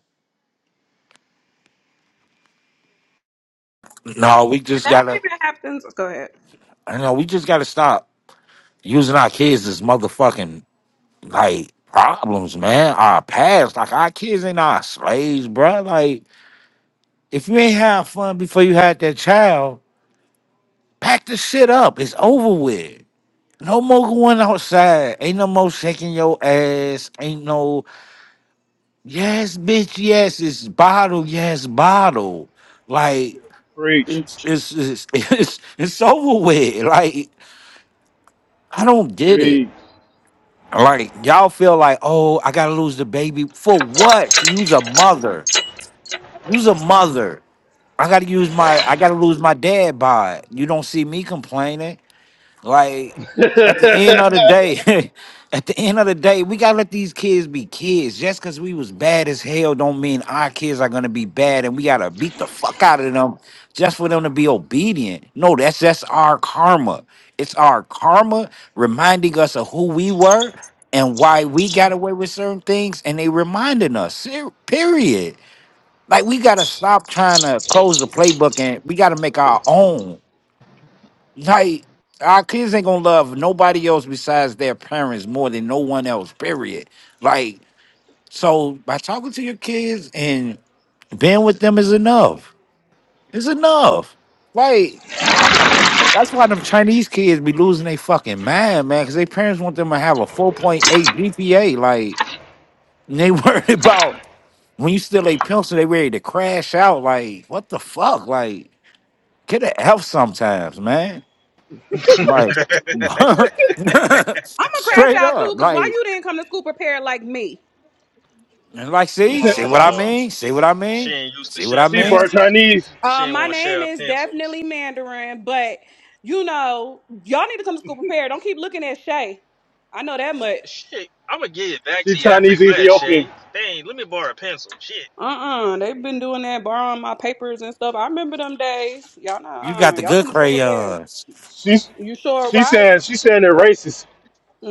P: No, we just
M: that
P: gotta.
M: even happens. Go ahead.
P: I know we just gotta stop using our kids as motherfucking like problems, man. Our past, like our kids ain't our slaves, bruh. Like if you ain't have fun before you had that child, pack the shit up. It's over with. No more going outside. Ain't no more shaking your ass. Ain't no yes, bitch. Yes, it's bottle. Yes, bottle. Like
J: Preach.
P: it's it's it's it's, it's over with. Like I don't get it.
J: Preach.
P: Like y'all feel like, oh, I gotta lose the baby for what? Use a mother. Use a mother. I gotta use my. I gotta lose my dad by. it. You don't see me complaining. Like at the end of the day, at the end of the day, we gotta let these kids be kids. Just because we was bad as hell, don't mean our kids are gonna be bad, and we gotta beat the fuck out of them just for them to be obedient. No, that's that's our karma. It's our karma reminding us of who we were and why we got away with certain things, and they reminding us. ser- Period. Like we gotta stop trying to close the playbook, and we gotta make our own. Like our kids ain't gonna love nobody else besides their parents more than no one else. Period. Like so, by talking to your kids and being with them is enough. It's enough. Like that's why them Chinese kids be losing their fucking mind, man, because their parents want them to have a four point eight GPA. Like and they worried about when you still a pencil, they ready to crash out. Like what the fuck? Like get a F sometimes, man. Like
M: I'm gonna crash
P: straight
M: out too,
P: up.
M: cause why
P: Like
M: you didn't come to school prepared like me?
P: and like see, see what I
N: oh,
P: mean? See what I
N: she
P: mean?
N: ain't used to
P: See what
N: share
P: I
J: she
P: mean?
J: part
N: pencils.
J: Chinese.
N: She
M: Uh,
N: ain't
M: my
N: want to
M: name
N: share
M: is
N: pencils.
M: definitely Mandarin, but you know, y'all need to come to school prepared. Don't keep looking at Shay. I know that much.
N: Shit, I'ma get it back
J: She
N: to you after
J: Chinese
N: class,
J: Ethiopian.
N: Shay. Dang, let me borrow a pencil. Shit.
M: Uh-uh. They've been doing that, borrowing my papers and stuff. I remember them days. Y'all know,
P: You got
M: uh,
P: the
M: y'all
P: good
M: come to school prepared.
P: crayons.
J: She's
M: You sure
J: she
M: right.
J: saying she saying they're racist.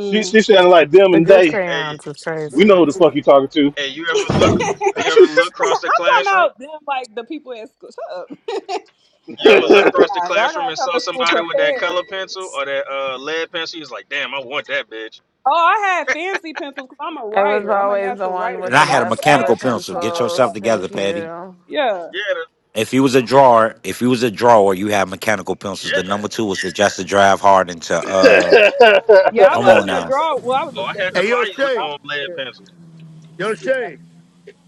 J: She she saying like them
Q: The
J: and
Q: good
J: they.
N: Hey,
Q: crayons is
J: We
Q: crazy.
J: know who the fuck you talking to.
N: hey, you ever
M: I'm
N: look?
M: talking
N: You ever look across the classroom?
M: about them, like the people at school. Shut up.
N: You
M: but
N: ever
M: yeah,
N: look across the
M: nah, y'all
N: classroom
M: gotta
N: and
M: come
N: saw
M: to school
N: somebody with that
M: prepared.
N: color pencil or that uh, lead pencil? He's like, damn, I want that bitch.
M: Oh, I had fancy pencils because I'm a
Q: It was
M: writer. I'm a
Q: always the
M: natural
Q: one
M: writer,
Q: with
P: And
M: so
P: I
Q: the
P: had a
M: don't be
Q: best color
P: mechanical
M: asking me
P: pencil.
M: for
P: Get
M: my
P: yourself
Q: pencils.
M: stuff.
P: together,
Q: Thank
P: Patty.
Q: you.
M: Yeah,
N: Yeah, the,
P: If you was a drawer, if you was a drawer, you had mechanical pencils.
N: yeah,
P: The number two was to just to drive hard into uh
M: yeah. I
P: come
N: hell
P: on
M: wasn't
N: yeah.
M: a
P: now.
M: draw. Well, I was a
N: Oh, I
M: sketcher
N: had
M: a
N: to
L: Hey,
M: little
L: yo,
N: fight
M: bit, but I
L: Shay.
M: was
N: on
M: a
N: lead
M: writer.
N: pencil.
L: Yo,
M: Yeah.
L: Shay.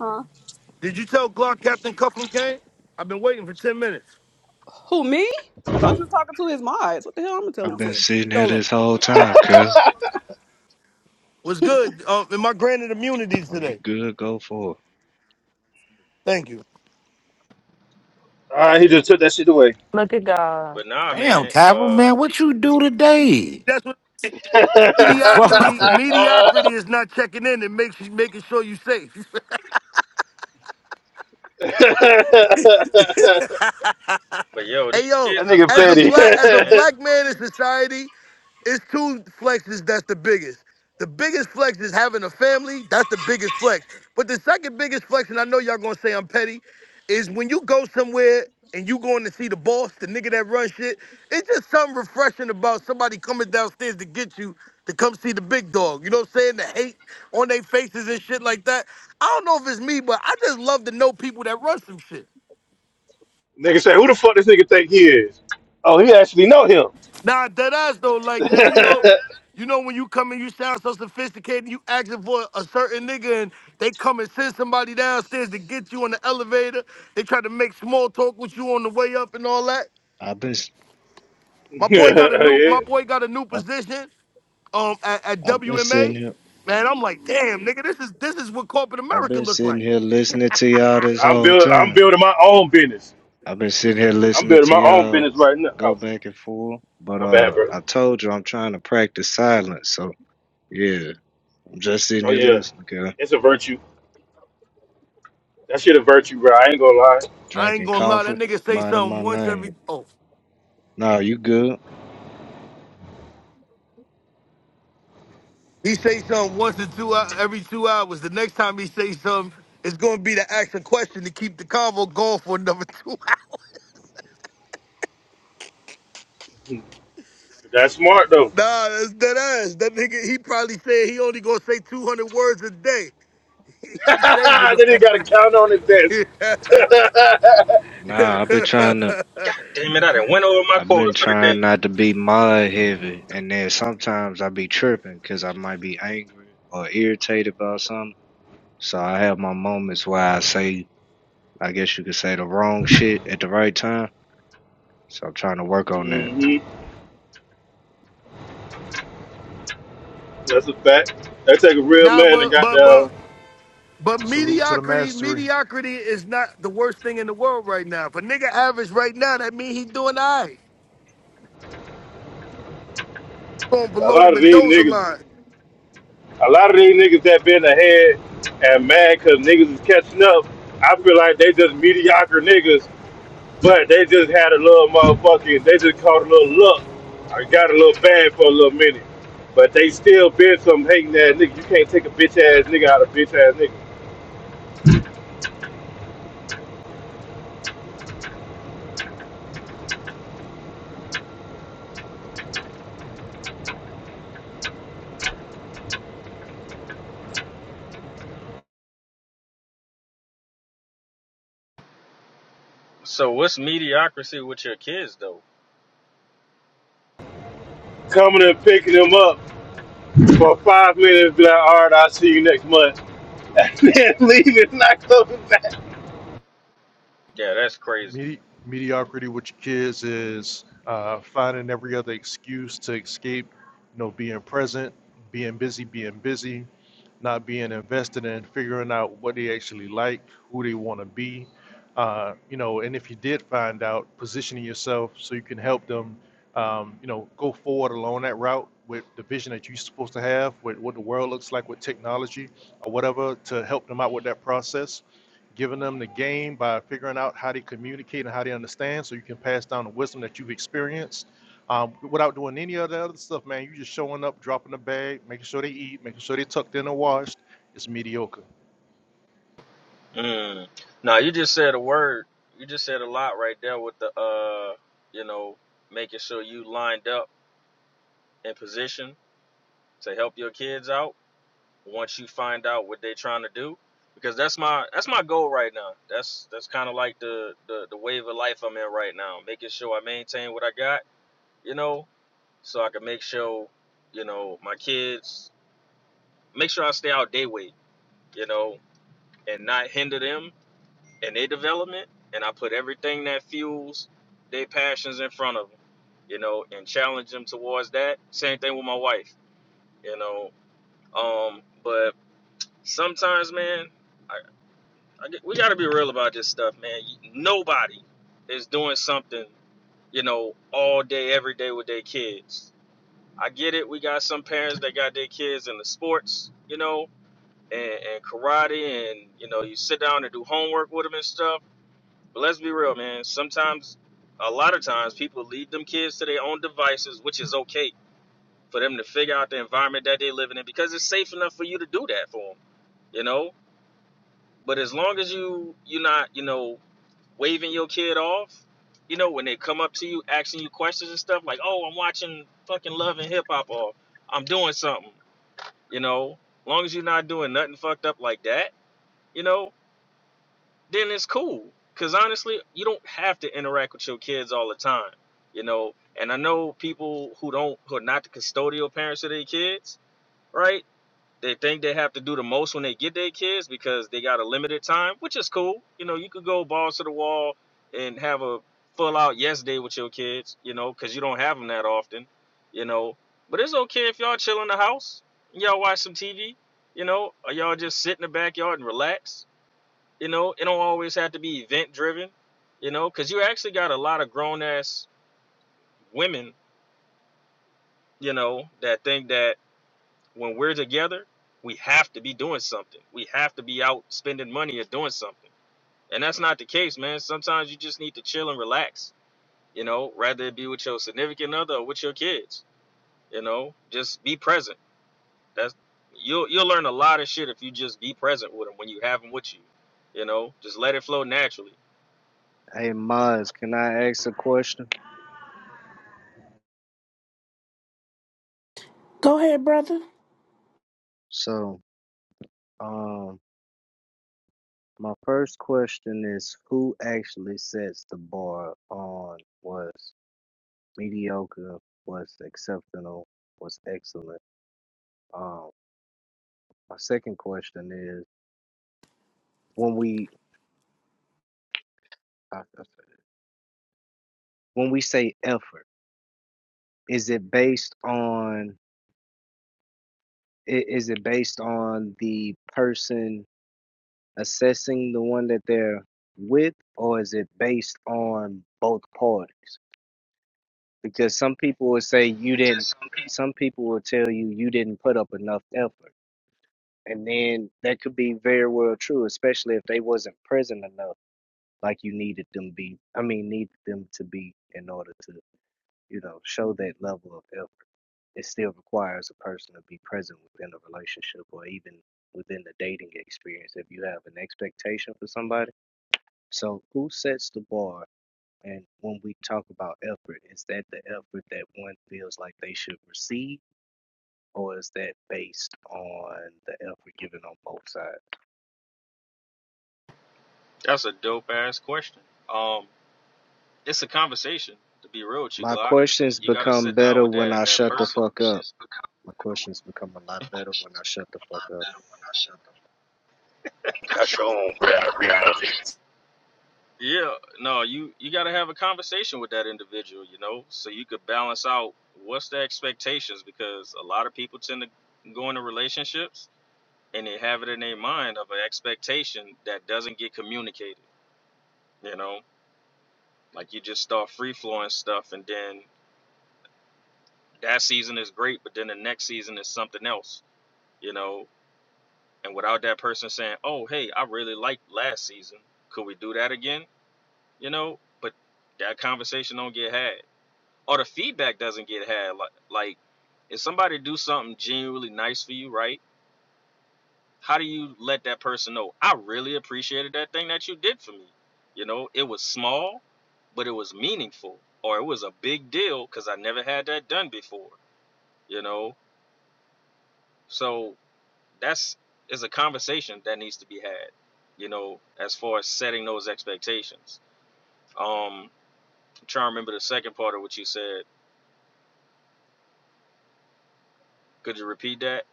M: Huh?
L: Did you tell Glock Captain Cuffham came? I've been waiting for 10 minutes.
M: Who me? I thought you was talking to his mods. What the hell? I'm gonna tell
C: I've
M: him
C: been
M: for?
C: sitting here
L: Tell him.
C: this whole time, Kel.
L: What's good? Uh, and my granted immunity
C: Are you
L: today.
C: good? Go for it.
L: Thank you.
J: All right, he
N: Hey,
J: just took that shit away.
Q: Look at God.
N: but nah,
P: Damn,
N: man.
P: Cavill,
N: Uh,
P: man, what
N: these,
P: you do today?
L: That's what
J: that
P: The fuck?
L: mediocrity mediocrity is not checking in and makes making sure you safe.
N: but yo,
L: Hey
N: these
L: yo,
N: kids are
J: nigga
L: as a
N: blessings
J: petty.
L: black
N: though,
L: as a
N: man.
L: black man in society, it's two flexes that's the biggest. The biggest flex is having a family. That's the biggest flex. But the second biggest flex, and I know y'all gonna say I'm petty, is when you go somewhere and you going to see the boss, the nigga that runs shit. It's just something refreshing about somebody coming downstairs to get you to come see the big dog. You know what I'm saying? The hate on their faces and shit like that. I don't know if it's me, but I just love to know people that run some shit.
J: nigga say, who the fuck this nigga think he is? Oh, he actually know him.
L: Nah, dead ass though, like man, you know, you know when you come and you sound so sophisticated, you asking for a certain nigga, and they come and send somebody downstairs to get you on the elevator. They try to make small talk with you on the way up and all that.
C: I've been, s-
L: My boy got a new,
J: yeah.
L: my boy got a new
C: I've,
L: position, um, at, at
C: I've been sitting
L: WMA.
C: here.
L: Man, I'm like, damn, nigga, this is this is what corporate
C: I've
L: America
C: been
L: look
C: sitting
L: like.
C: here listening to y'all this
J: I'm
C: whole
J: building, I'm
C: time.
J: building my own business.
C: I've been sitting here
J: I'm
C: listening
J: building
C: to
J: my own
C: y'all
J: business right now.
C: go
J: Oh,
C: back and forth. But
J: my bad,
C: uh,
J: bro.
C: I told you I'm trying to practice silence. So yeah, I'm just sitting
J: Oh
C: here
J: yeah,
C: listening, Kel.
J: it's a virtue. That shit a virtue, bro. I ain't gonna lie.
L: I ain't
C: Drinking
L: gonna lie, that
C: coffee,
L: nigga say
C: minding my
L: something once
C: lane.
L: every. oh.
C: Nah, you good?
L: He say something once in two hou- every two hours. The next time he say something, it's gonna be to ask a question to keep the convo going for another two hours.
J: Hmm. That's smart though.
L: Nah, that's dead ass. That nigga, he probably said he only gonna say two hundred words a day. He's saving them.
J: then you gotta count on it. That's
C: Nah, I've been trying to.
N: God damn it, I done went over my
C: I've
N: quota
C: been
N: for the
C: trying
N: day.
C: not to be mod heavy, and then sometimes I be tripping because I might be angry or irritated about something. So I have my moments where I say, I guess you could say the wrong shit at the right time. So I'm trying to work on that.
J: hmm that's a fact. That take a real
L: nah,
J: man to
L: but
J: got
L: but but
J: down.
L: but
K: Salute to the
L: mediocrity,
K: mastery.
L: mediocrity is not the worst thing in the world right now. If a nigga average right now, that mean he doing all right. Going
J: A
L: below the
J: lot of these
L: Mendoza
J: niggas,
L: line.
J: a lot of these niggas that been ahead and mad because niggas is catching up. I feel like they just mediocre niggas But they just had a little motherfucking, they just caught a little luck. I got a little bad for a little minute. But they still been some hating ass nigga. You can't take a bitch ass nigga out of bitch ass nigga.
N: So what's mediocrity with your kids though?
J: Coming and picking him up for five minutes, be like, all right, I'll see you next month. Then leaving, not coming back.
N: Yeah, that's crazy.
K: Medi- mediocrity with your kids is uh, finding every other excuse to escape, you know, being present, being busy, being busy, not being invested in figuring out what they actually like, who they want to be, uh, you know, and if you did find out, positioning yourself so you can help them, um, you know, go forward along that route with the vision that you're supposed to have, with what the world looks like with technology or whatever, to help them out with that process giving them the game by figuring out how they communicate and how they understand so you can pass down the wisdom that you've experienced um, without doing any of the other stuff, man. You are just showing up, dropping the bag, making sure they eat, making sure they are tucked in and washed. It's mediocre.
N: Mm. Now you just said a word. You just said a lot right there with the uh, you know, making sure you lined up in position to help your kids out once you find out what they're trying to do. Because that's my that's my goal right now. That's that's kind of like the, the the wave of life I'm in right now, making sure I maintain what I got, you know, so I can make sure, you know, my kids make sure I stay out day way, you know, and not hinder them in their development, and I put everything that fuels their passions in front of them, you know, and challenge them towards that. Same thing with my wife, you know. Um, but sometimes, man, I, I we got to be real about this stuff, man. Nobody is doing something, you know, all day, every day with their kids. I get it. We got some parents that got their kids in the sports, you know, and, and karate, and you know, you sit down and do homework with them and stuff But let's be real, man. Sometimes, a lot of times, people leave them kids to their own devices, which is okay for them to figure out the environment that they're living in because it's safe enough for you to do that for them, you know. But as long as you you're not, you know, waving your kid off, you know, when they come up to you asking you questions and stuff like, "Oh, I'm watching fucking Love and Hip Hop," or "I'm doing something," you know. As long as you're not doing nothing fucked up like that, you know, then it's cool. Because honestly, you don't have to interact with your kids all the time, you know. And I know people who don't, who are not the custodial parents of their kids, right? They think they have to do the most when they get their kids because they got a limited time, which is cool. You know, you could go balls to the wall and have a full out yes day with your kids, you know, because you don't have them that often, you know. But it's okay if y'all chill in the house, y'all watch some TV, you know, or y'all just sit in the backyard and relax you know, it don't always have to be event driven, you know, because you actually got a lot of grown ass women, you know, that think that when we're together, we have to be doing something. We have to be out spending money or doing something. And that's not the case, man. Sometimes you just need to chill and relax, you know, rather it be with your significant other or with your kids, you know, just be present. That's you'll you'll learn a lot of shit if you just be present with them when you have them with you, you know, just let it flow naturally.
C: Hey, Mods, can I ask a question?
B: Go ahead, brother.
C: So, um, my first question is who actually sets the bar on what's mediocre, what's exceptional, what's excellent? Um, my second question is when we how when we say effort is it based on i- is it based on the person assessing the one that they're with or is it based on both parties because some people will say you didn't
N: Because
C: some people will tell you you didn't put up enough effort and then that could be very well true especially if they wasn't present enough like you needed them be i mean needed them to be in order to you know show that level of effort it still requires a person to be present within a relationship or even within the dating experience if you have an expectation for somebody. So, who sets the bar? And when we talk about effort, is that the effort that one feels like they should receive, or is that based on the effort given on both sides?
N: That's a dope ass question. Um, it's a conversation. To be real with you,
C: My
N: Glock,
C: questions
N: you got to
C: become
N: sit down
C: better
N: with
C: when
N: that
C: I
N: that
C: shut the
N: person.
C: fuck up. My questions become a lot better when I shut the fuck up.
R: That's your own rea- reality.
N: Yeah, no, you you got to have a conversation with that individual, you know, so you could balance out what's the expectations because a lot of people tend to go into relationships and they have it in their mind of an expectation that doesn't get communicated, you know, like you just start free flowing stuff and then that season is great, but then the next season is something else, you know, and without that person saying, "Oh, hey, I really liked last season. Could we do that again?" You know, but that conversation don't get had, or the feedback doesn't get had. Like, like if somebody do something genuinely nice for you, right? How do you let that person know? I really appreciated that thing that you did for me. You know, it was small, but it was meaningful, or it was a big deal because I never had that done before. You know, so that's is a conversation that needs to be had, you know, as far as setting those expectations. Um, I'm trying to remember the second part of what you said. Could you repeat that?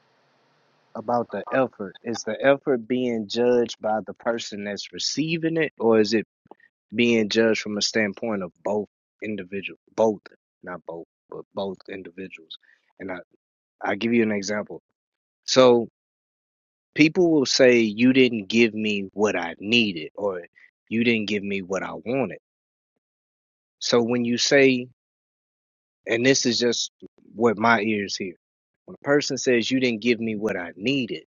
C: about the effort. Is the effort being judged by the person that's receiving it, or is it being judged from a standpoint of both individual, both, not both, but both individuals? And I, I'll give you an example. So people will say, You didn't give me what I needed, or you didn't give me what I wanted. So when you say, and this is just what my ears hear, when a person says, You didn't give me what I needed,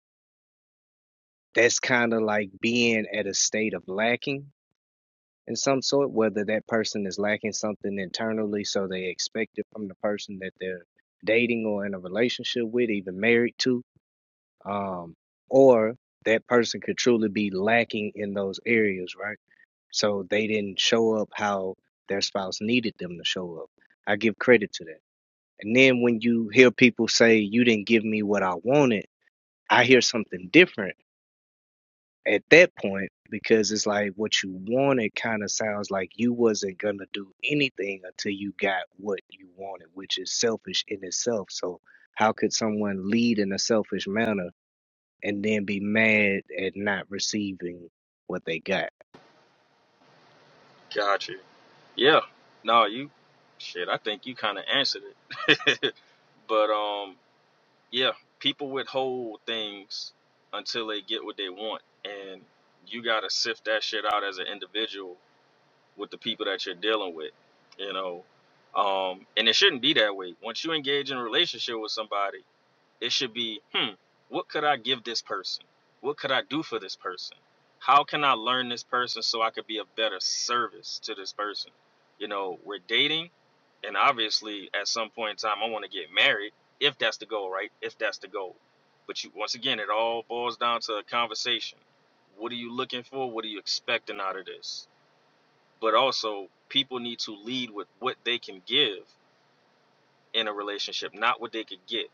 C: that's kind of like being at a state of lacking in some sort, whether that person is lacking something internally, so they expect it from the person that they're dating or in a relationship with, even married to, um, or that person could truly be lacking in those areas, right? So they didn't show up how their spouse needed them to show up. I give credit to that. And then when you hear people say, You didn't give me what I wanted, I hear something different at that point because it's like what you wanted kind of sounds like you wasn't gonna do anything until you got what you wanted, which is selfish in itself. So how could someone lead in a selfish manner and then be mad at not receiving what they got?
N: Got you. Yeah. No, you shit, I think you kinda answered it. but um yeah, people withhold things until they get what they want and you gotta sift that shit out as an individual with the people that you're dealing with, you know. Um, and it shouldn't be that way. Once you engage in a relationship with somebody, it should be, hmm, what could I give this person? What could I do for this person? How can I learn this person so I could be a better service to this person? You know, we're dating, and obviously at some point in time, I want to get married if that's the goal, right? If that's the goal. But you, once again, it all boils down to a conversation. What are you looking for? What are you expecting out of this? but also people need to lead with what they can give in a relationship, not what they could get.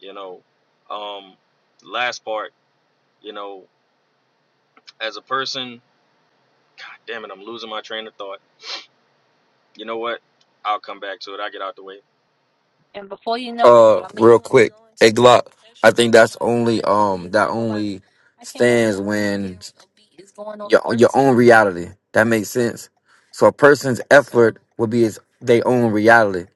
N: You know, um, last part, you know, as a person, God damn it, I'm losing my train of thought. You know what? I'll come back to it. I get out the way.
R: Uh, real quick, hey Glock. I think that's only um that only stands when your your own reality. That makes sense. So a person's effort would be his their own reality,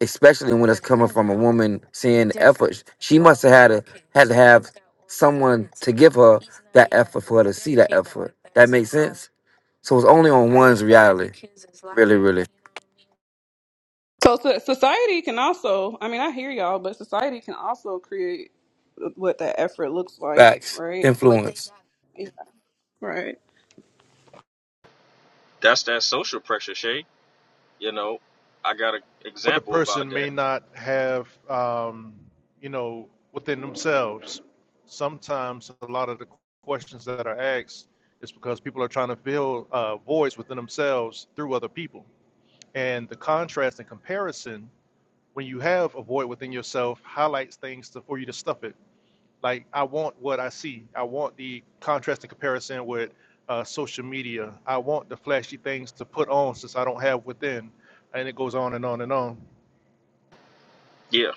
R: especially when it's coming from a woman seeing the effort. She must have had a had to have someone to give her that effort for her to see that effort. That makes sense. So it's only on one's reality. Really, really.
M: So, so society can also, I mean, I hear y'all, but society can also create what that effort looks like,
R: Facts.
M: right?
R: Influence.
M: Yeah. Right.
N: That's that social pressure, Shay. You know, I got an
K: What the
N: example about
K: person
N: that.
K: may not have, um, you know, within themselves, sometimes a lot of the questions that are asked is because people are trying to fill uh, voids within themselves through other people. And the contrast and comparison when you have a void within yourself, highlights things to, for you to stuff it. Like I want what I see. I want the contrast and comparison with uh, social media. I want the flashy things to put on since I don't have within, and it goes on and on and on.
N: Yeah,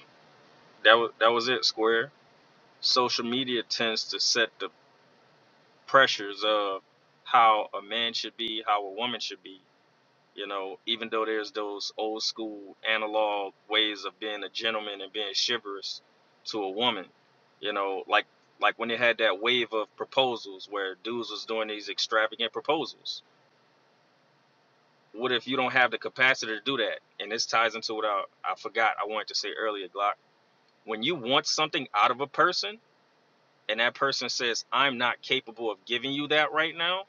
N: that was that was it. Square. Social media tends to set the pressures of how a man should be, how a woman should be You know, even though there's those old school analog ways of being a gentleman and being chivalrous to a woman, you know, like like when they had that wave of proposals where dudes was doing these extravagant proposals. What if you don't have the capacity to do that? And this ties into what I, I forgot I wanted to say earlier, Glock. When you want something out of a person and that person says, I'm not capable of giving you that right now,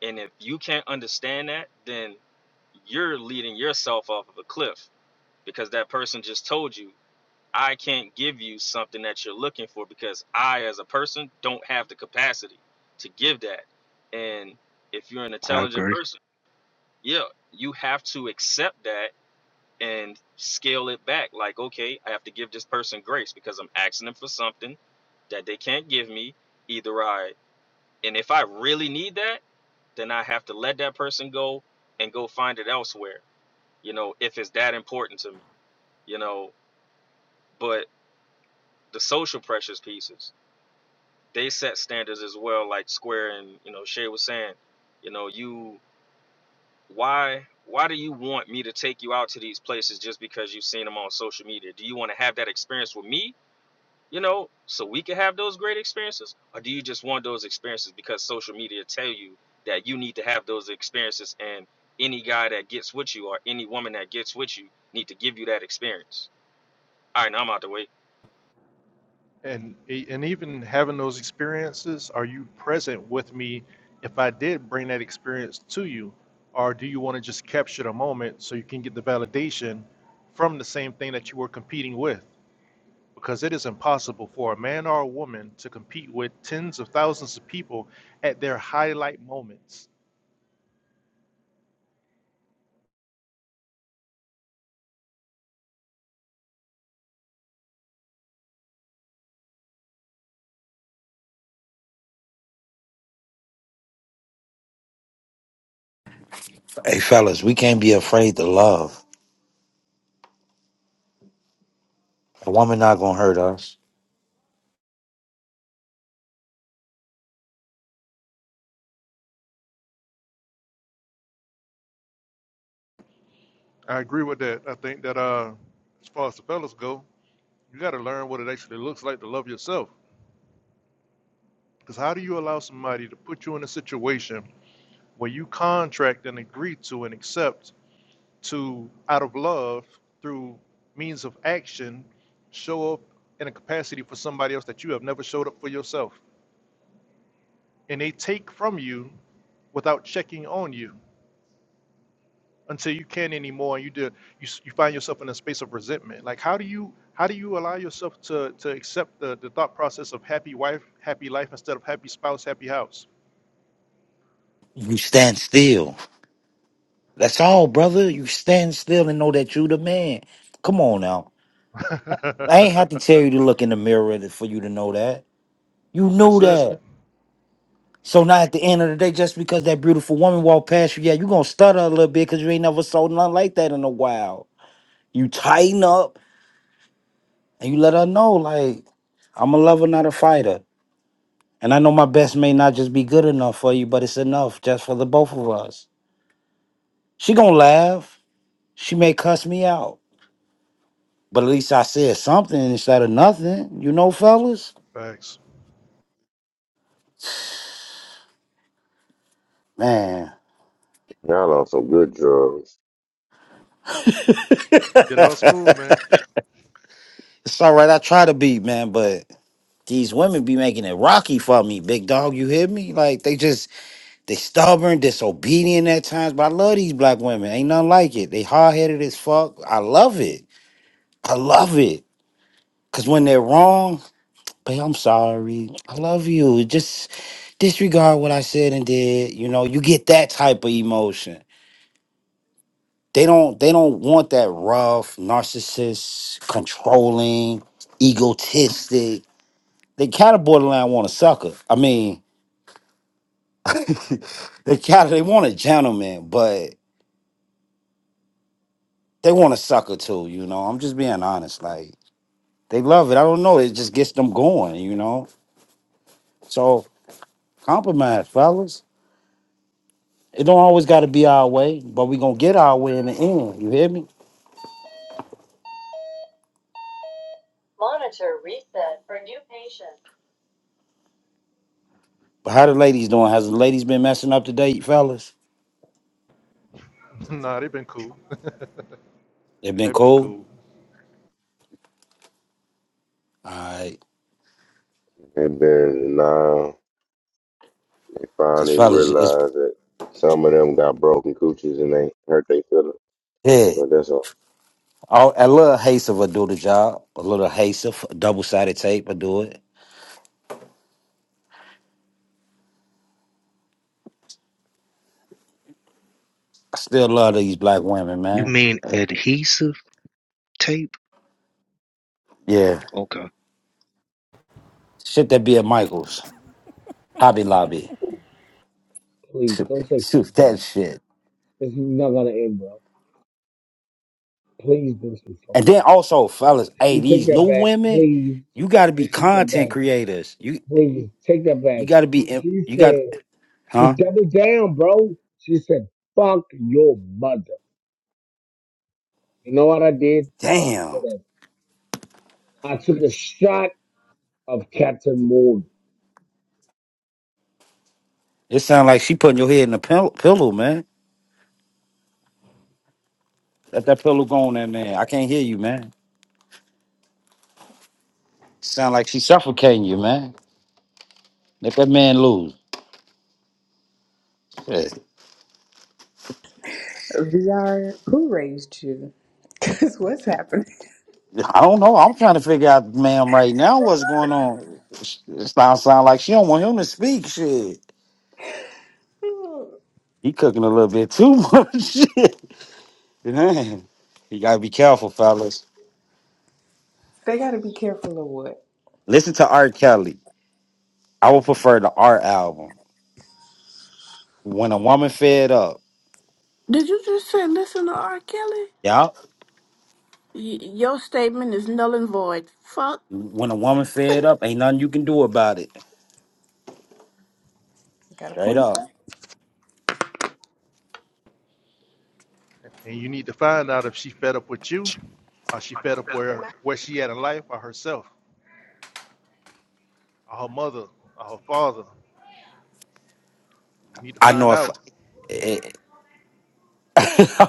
N: and if you can't understand that, then you're leading yourself off of a cliff because that person just told you I can't give you something that you're looking for because I as a person don't have the capacity to give that. And if you're an
C: I
N: intelligent
C: agree.
N: person, yeah, you have to accept that and scale it back like okay, I have to give this person grace because I'm asking them for something that they can't give me either I and if I really need that, then I have to let that person go and go find it elsewhere. You know, if it's that important to me, you know, but the social pressures pieces they set standards as well like square and you know shay was saying you know you why why do you want me to take you out to these places just because you've seen them on social media do you want to have that experience with me you know so we can have those great experiences or do you just want those experiences because social media tell you that you need to have those experiences and any guy that gets with you or any woman that gets with you need to give you that experience all right now i'm out the way
K: And e- and even having those experiences, are you present with me? If I did bring that experience to you, or do you want to just capture the moment so you can get the validation from the same thing that you were competing with? because it is impossible for a man or a woman to compete with tens of thousands of people at their highlight moments.
P: Hey fellas, we can't be afraid to love. A woman not gonna hurt us.
K: I agree with that. I think that uh, as far as the fellas go, you got to learn what it actually looks like to love yourself. Because how do you allow somebody to put you in a situation where you contract and agree to and accept to, out of love, through means of action, show up in a capacity for somebody else that you have never showed up for yourself? and they take from you without checking on you until you can't anymore and you do you, s- you find yourself in a space of resentment like how do you how do you allow yourself to to accept the, the thought process of happy wife happy life instead of happy spouse happy house
P: You stand still. That's all, brother. You stand still and know that you the man. Come on now. I ain't have to tell you to look in the mirror to- for you to know that. You
K: that's
P: knew
K: it
P: that. So now at the end of the day, just because that beautiful woman walked past you, yeah, you gonna stutter a little bit because you ain't never sold nothing like that in a while. You tighten up and you let her know, like, I'm a lover, not a fighter. And I know my best may not just be good enough for you, but it's enough just for the both of us. She gonna laugh. She may cuss me out But at least I said something instead of nothing, you know, fellas.
K: thanks
P: Man,
F: Y'all on some good drugs.
K: Yeah, that was smooth
P: it's
K: man
P: all right. I try to be, man, but these women be making it rocky for me, big dog. You hear me? Like they just they stubborn, disobedient at times. But I love these black women. Ain't nothing like it. They hard headed as fuck. I love it. I love it. Cause when they're wrong, babe, I'm sorry. I love you. Just disregard what I said and did. You know, you get that type of emotion. They don't they don't want that rough, narcissist, controlling, egotistic. They kind of borderline want a sucker. I mean, they kind of they want a gentleman, but they want a sucker too, you know. I'm just being honest. Like they love it. I don't know. It just gets them going, you know. So compromise, fellas. It don't always gotta be our way, but we gonna get our way in the end. You hear me? But how the ladies doing? Has the ladies been messing up today, fellas?
K: nah they've been cool
P: They've been
K: they've been
P: cool?
K: cool
P: All right.
F: And then now they
P: Cause
F: finally
P: fellas, it's
F: realize that some of them got broken cooches and they hurt their feelings.
P: yeah.
F: But that's all.
P: All, a little haste will do the job. A little haste of double sided tape will do it. I still love these black women,
C: You
P: man.
C: mean adhesive tape?
P: Yeah,
C: Okay.
P: shit that be at Michaels, Hobby Lobby,
S: Please
P: shoot
S: don't say
P: shoot
S: something like
P: that shit.
S: that. This is not gonna end well. Please don't say something.
P: And then also, fellas,
S: Can
P: hey,
S: you take
P: these new
S: that back,
P: women,
S: please?
P: you got to
S: Can you
P: be
S: take that
P: content
S: back,
P: creators. You
S: please? Take that
P: you
S: back.
P: got to be in-
S: She
P: you got
S: said she
P: huh?
S: doubled down, bro. She said, "Fuck your mother." You know what I did?
P: Damn,
S: I took a shot of Captain Morgan.
P: it sound like she putting your head in a pill- pillow, man. Let that pillow go on there, man. I can't hear you, man. Sound like she suffocating you, man. Let that man lose. Hey,
T: VR, who raised you? Because what's happening?
P: I don't know. I'm trying to figure out, ma'am, right now what's going on. It sounds sound like she don't want him to speak. Shit, he cooking a little bit too much. Shit, man, you gotta be careful, fellas.
T: They got to be careful of what.
P: Listen to R. Kelly. I would prefer the art album. When a woman fed up,
B: Did you just say listen to R. Kelly?
P: yeah.
B: Y- your statement is null and void. Fuck.
P: When a woman fed up, ain't nothing you can do about it.
T: Got to
P: Straight
T: point
P: up.
T: out.
K: and you need to find out if she fed up with you or she fed up where where she at in life or herself or her mother or her father you need to
P: I
K: find
P: know if
K: out
P: I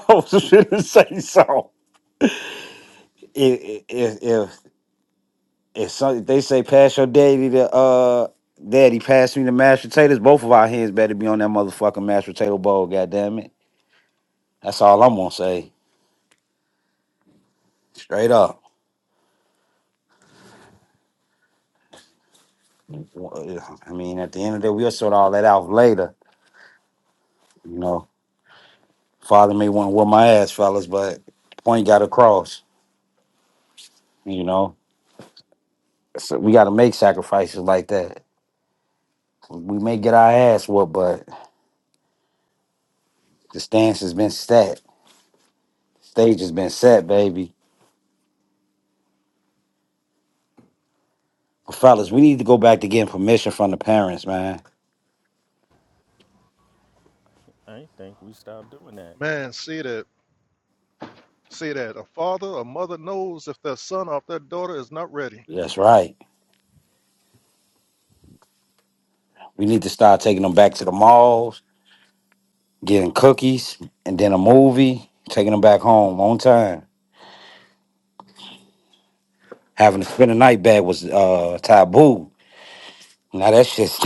P: was gonna say so. If, if, If, some, they say pass your daddy to uh daddy, pass me the mashed potatoes, both of our hands better be on that motherfucking mashed potato bowl, goddamn it. That's all I'm gonna say. Straight up. Well, I mean, at the end of the day, we'll sort all that out later. You know, father may want to whip my ass, fellas, but point got across, you know. So we gotta make sacrifices like that. We may get our ass whooped, but the stance has been set. Stage has been set, baby. Fellas, we need to go back to getting permission from the parents, man
N: I ain't think we stopped doing that.
K: Man, see that, see that. A father, a mother knows if their son or their daughter is not ready.
P: That's right. We need to start taking them back to the malls, getting cookies, and then a movie, taking them back home on time. Having to spend a night bag was uh, taboo. Now that shit's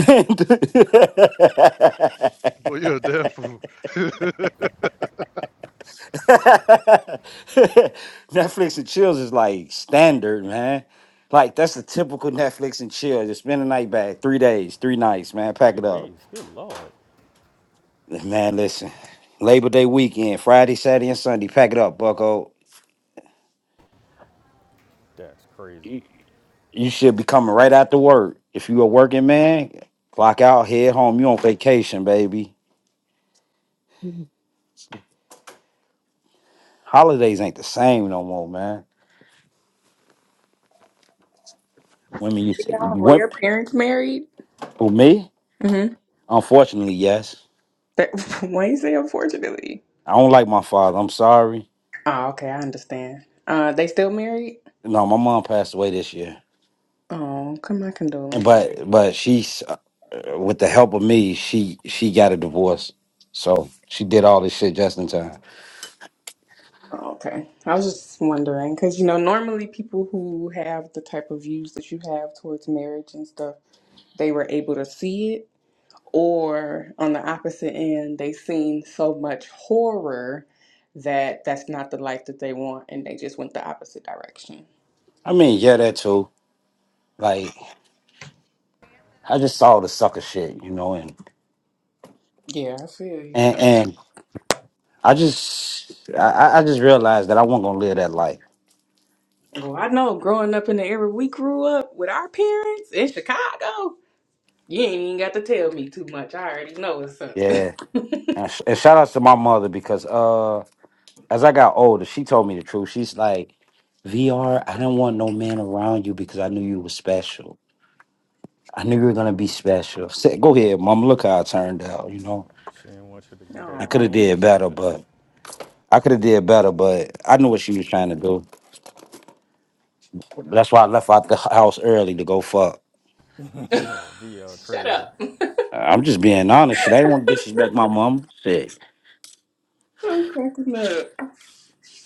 K: Well, you're a damn fool.
P: Netflix and chills is like standard, man. Like that's the typical Netflix and chill. Just spend a night bag, three days, three nights, man. Pack it up, man. Listen, Labor Day weekend, Friday, Saturday, and Sunday. Pack it up, Bucko. You should be coming right after work. If you a working man, clock out, head home. You on vacation, baby. Holidays ain't the same no more, man. Women used to,
T: VR, were
P: wom-
T: your parents married?
P: for me,
T: Mm-hmm.
P: unfortunately, yes.
T: That, why you say unfortunately?
P: I don't like my father. I'm sorry.
T: Oh, okay, I understand. Uh, they still married?
P: No, my mom passed away this year,
T: Oh, come my
P: and
T: condolences.
P: but but she's uh, uh, with the help of me, she she got a divorce, so she did all this shit just in time.
T: Oh, okay, I was just wondering because you know normally people who have the type of views that you have towards marriage and stuff, they were able to see it or on the opposite end they've seen so much horror that that's not the life that they want and they just went the opposite direction
P: I mean, yeah, that too. Like I just saw the sucker shit, you know, and
T: yeah i feel you
P: and and I just, I, I just realized that I wasn't gonna live that life.
T: well i know growing up in the era we grew up with our parents in chicago you ain't even got to tell me too much i already know what's up
P: Yeah, and, sh- and shout outs to my mother because uh, as I got older, she told me the truth. She's like, VR, I didn't want no man around you because I knew you were special. I knew you were gonna be special. Say, Go ahead, mom. Look how I turned out. You know, I could
T: oh
P: have did better, but I could have did better, but I knew what she was trying to do. That's why I left out the house early to go fuck.
T: shut up
P: I'm just being honest. Shit, I didn't want to disrespect my mom. Shit.
T: i'm cracking up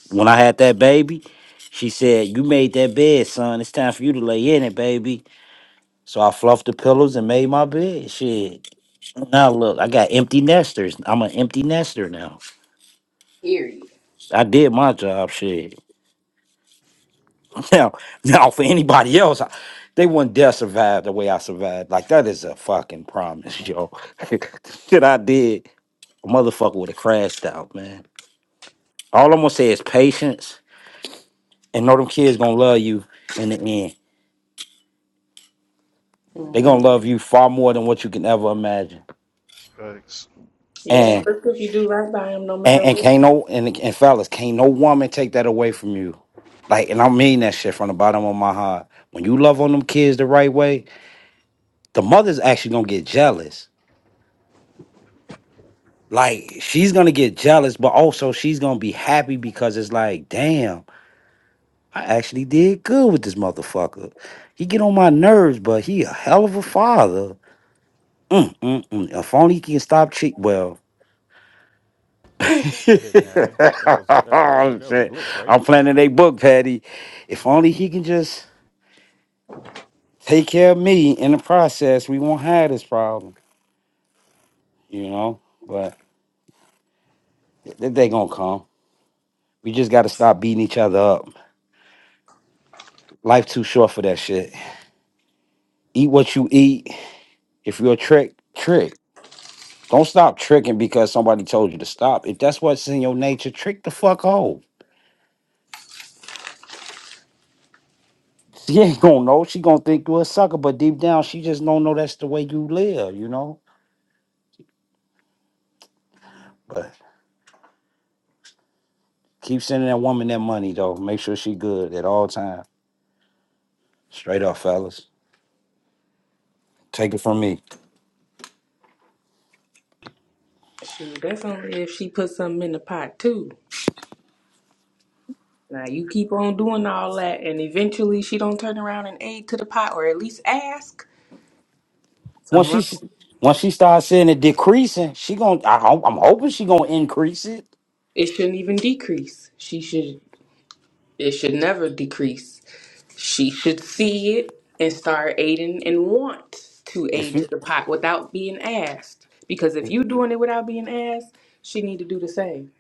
P: when I had that baby, she said, You made that bed, son. It's time for you to lay in it, baby. So I fluffed the pillows and made my bed. Shit. Now look, I got empty nesters. I'm an empty nester now.
T: period
P: I did my job, shit. Now, now for anybody else, I, they wouldn't dare survive the way I survived. Like that is a fucking promise, yo. Shit I did, a motherfucker would have crashed out, man. All I'm gonna say is patience and know them kids gonna love you in the end. They're
T: Mhm.
P: gonna love you far more than what you can ever imagine.
K: Thanks.
T: yeah
P: And
T: especially if you do right by him no
P: and,
T: matter
P: and
T: what
P: can't no and, and fellas, can't no woman take that away from you. Like, and I mean that shit from the bottom of my heart. When you love on them kids the right way, the mother's actually gonna get jealous. Like she's gonna get jealous, but also she's gonna be happy because it's like, damn, I actually did good with this motherfucker. He get on my nerves, but he a hell of a father. Mm, mm, mm. If only he can stop cheating. Well, I'm I'm planning a book, Patty. If only he can just take care of me in the process, we won't have this problem, you know? But th- they gonna come. We just gotta stop beating each other up. Life too short for that shit. Eat what you eat. If you're a trick, trick. Don't stop tricking because somebody told you to stop. If that's what's in your nature, trick the fuck out. She ain't gonna know. She gonna think you a sucker, but deep down, she just don't know that's the way you live, you know? Keep sending that woman that money though. Make sure she good at all times. Straight up, fellas. Take it from me.
T: Shoot, that's only if she puts something in the pot too Now you keep on doing all that, and eventually she don't turn around and aid to the pot, or at least ask.
P: Once
T: Something
P: she
T: wrong.
P: once she starts seeing it decreasing, she gon' I, hope- I'm hoping she gonna increase it.
T: It shouldn't even decrease. She should. It should never decrease. She should see it and start aiding and want to
P: If
T: aid
P: you
T: to the pot without being asked. Because if you doing it without being asked, she need to do the same.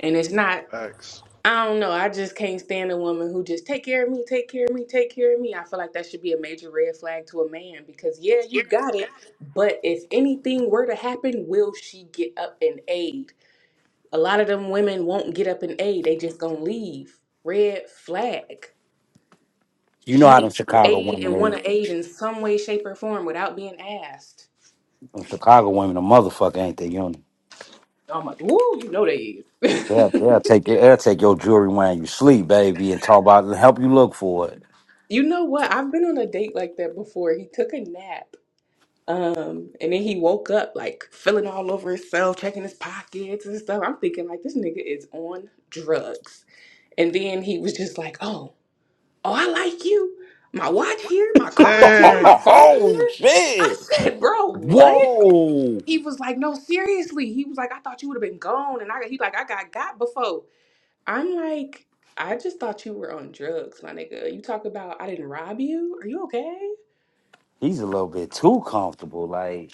T: And it's not.
K: Thanks.
T: I don't know. I just can't stand a woman who just take care of me, take care of me, take care of me. I feel like that should be a major red flag to a man because yeah, you got it, but if anything were to happen, will she get up and aid? A lot of them women won't get up and aid. They just gonna leave. Red flag.
P: you know
T: She
P: how them
T: needs to
P: Chicago
T: aid
P: women
T: and want
P: is,
T: to aid in some way, shape, or form without being asked.
P: them Chicago women, a motherfucker ain't they? You
T: I'm like, woo, you know they
P: they'll, they'll
T: is.
P: take your they'll take your jewelry when you sleep, baby, and talk about it and help you look for it.
T: you know what? I've been on a date like that before. He took a nap. Um, and then he woke up like feeling all over himself, checking his pockets and stuff. I'm thinking like this nigga is on drugs. And then he was just like, "Oh, oh, I like you. My watch here, my car's here, my
K: Dang.
T: phone
P: Oh
T: here." I
P: shit!
T: said, "Bro, what?"
P: Whoa,
T: He was like, "No, seriously." He was like, "I thought you would have been gone." And I he like, "I got got before." I'm like, "I just thought you were on drugs, my nigga. You talk about I didn't rob you. Are you okay?"
P: he's a little bit too comfortable. like.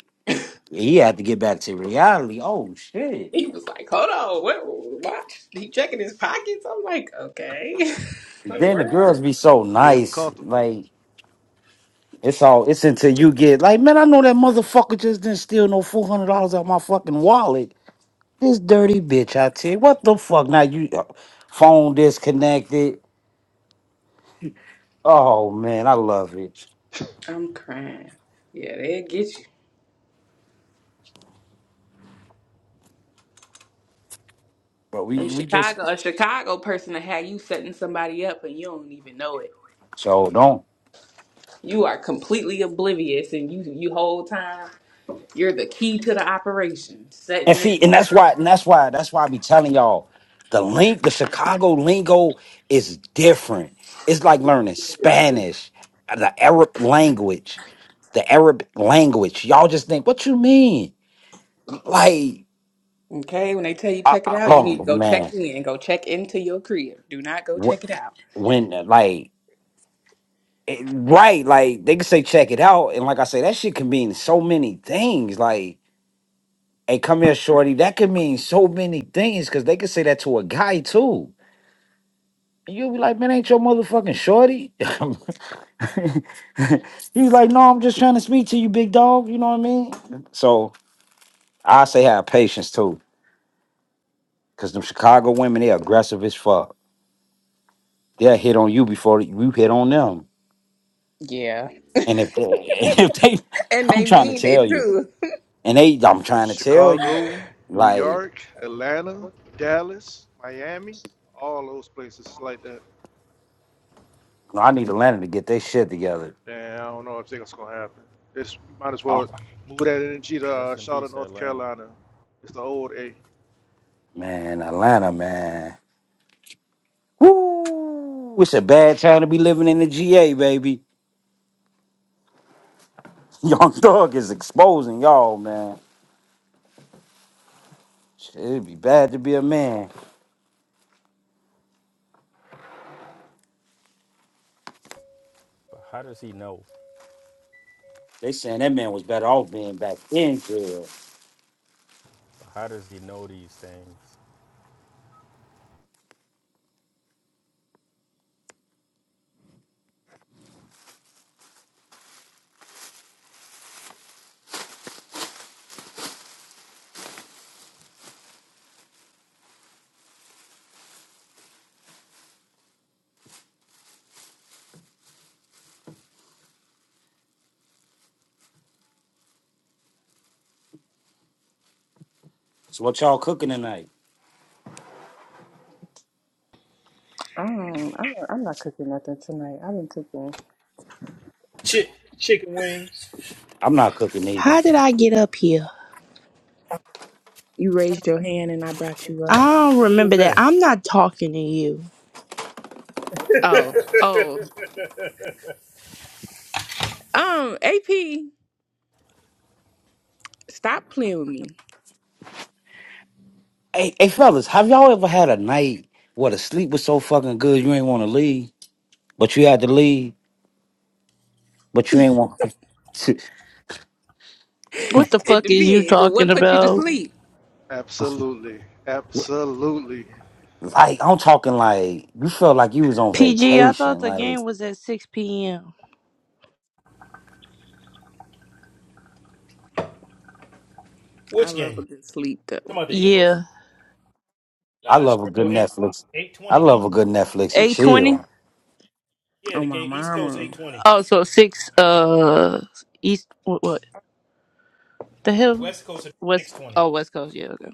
P: he had to get back to reality. Oh shit.
T: He was like, hold on, what, what? He checking his pockets? I'm like, okay. what in the
P: Then the girls
T: world?
P: be so
K: Made him
P: nice.
K: comfortable.
P: Like it's all it's until you get like, man, I know that motherfucker just didn't steal no four hundred dollars out my fucking wallet. This dirty bitch, I tell you. What the fuck? Now you uh, phone disconnected. Oh man, I love it.
T: I'm crying. Yeah, they'll get you.
P: But
T: In
P: we we just
T: Chicago, a Chicago person to have you setting somebody up and you don't even know it.
P: so don't
T: You are completely oblivious and you you whole time you're the key to the operation.
P: And
T: Setting it
P: see, and that's why, and that's why, that's why I be telling y'all the link, the Chicago lingo is different. It's like learning Spanish, uh, the Arab language, the Arab language. Y'all just think, what you mean? Like,
T: Okay, when they tell you
P: I,
T: check it
P: I-
T: out, you need to
P: oh
T: go check
P: man,
T: in. Go check into your crib. Do not go
P: Wh-
T: check it out.
P: when uh, like, it- right? Like they can say, check it out, and like I say, that shit can mean so many things. Like, hey, come here, shorty. That could mean so many things because they could say that to a guy too You'll be like, man, ain't your motherfucking shorty? He's like, no, I'm just trying to speak to you, big dog. You know what I mean? So I say have patience too, because them Chicago women, they aggressive as fuck. They'll hit on you before you hit on them.
T: Yeah.
P: And if they, and if they,
T: And
P: I'm
T: they
P: trying to
T: mean
P: tell
T: it
P: you,
T: too.
P: and they, I'm trying to tell you,
K: Chicago, New
P: like,
K: York, Atlanta, Dallas, Miami, all those places like that.
P: I need Atlanta to get their shit together.
K: Damn, I don't know if that's gonna happen. It's might as
P: Oh,
K: well move that energy to uh, Charlotte, North Carolina. It's the old A.
P: man, Atlanta, man. Woo! It's a bad time to be living in the GA, baby. Young Thug is exposing y'all, man. Shit, It'd be bad to be a man. They saying that man was better off being back in jail. So what y'all cooking tonight?
T: Um, I'm, I'm not cooking nothing tonight. I've been cooking.
U: Chick, chicken wings.
P: I'm not cooking either.
V: How did I get up here?
T: You raised your hand and I brought you up.
V: I don't
U: Who is
V: remember that.
U: that?
V: I'm not talking to you.
T: Oh, oh. Um, AP, stop playing with me.
P: Hey, hey, fellas, have y'all ever had a night where the sleep was so fucking good you ain't want to leave, but you had to leave, but you ain't want to?
V: What the
T: It
V: fuck is you
T: depends. What
V: talking
T: put you to
V: about?
T: sleep?
K: Absolutely, absolutely.
P: Like I'm talking like you felt like you was on
V: PG, I thought
P: vacation.
V: the
P: Like
V: game was at 6 p.m.
T: I
U: Which
T: love a
U: game?
T: good sleep though.
U: Talking about the Eagles?
V: Yeah.
P: I
U: Nah, that
P: love a
U: starts
P: good
U: till eight o'clock.
P: Netflix.
U: Eight
P: I
U: twenty.
P: love a good Netflix and
V: 8.20?
P: chill.
U: Yeah,
T: Oh
U: the
T: my
U: game East Coast eight
T: mama.
U: twenty.
V: Oh, so 6, uh, East, what, what? The hell?
U: West Coast at
V: West,
U: six twenty.
V: oh, West Coast, yeah, okay.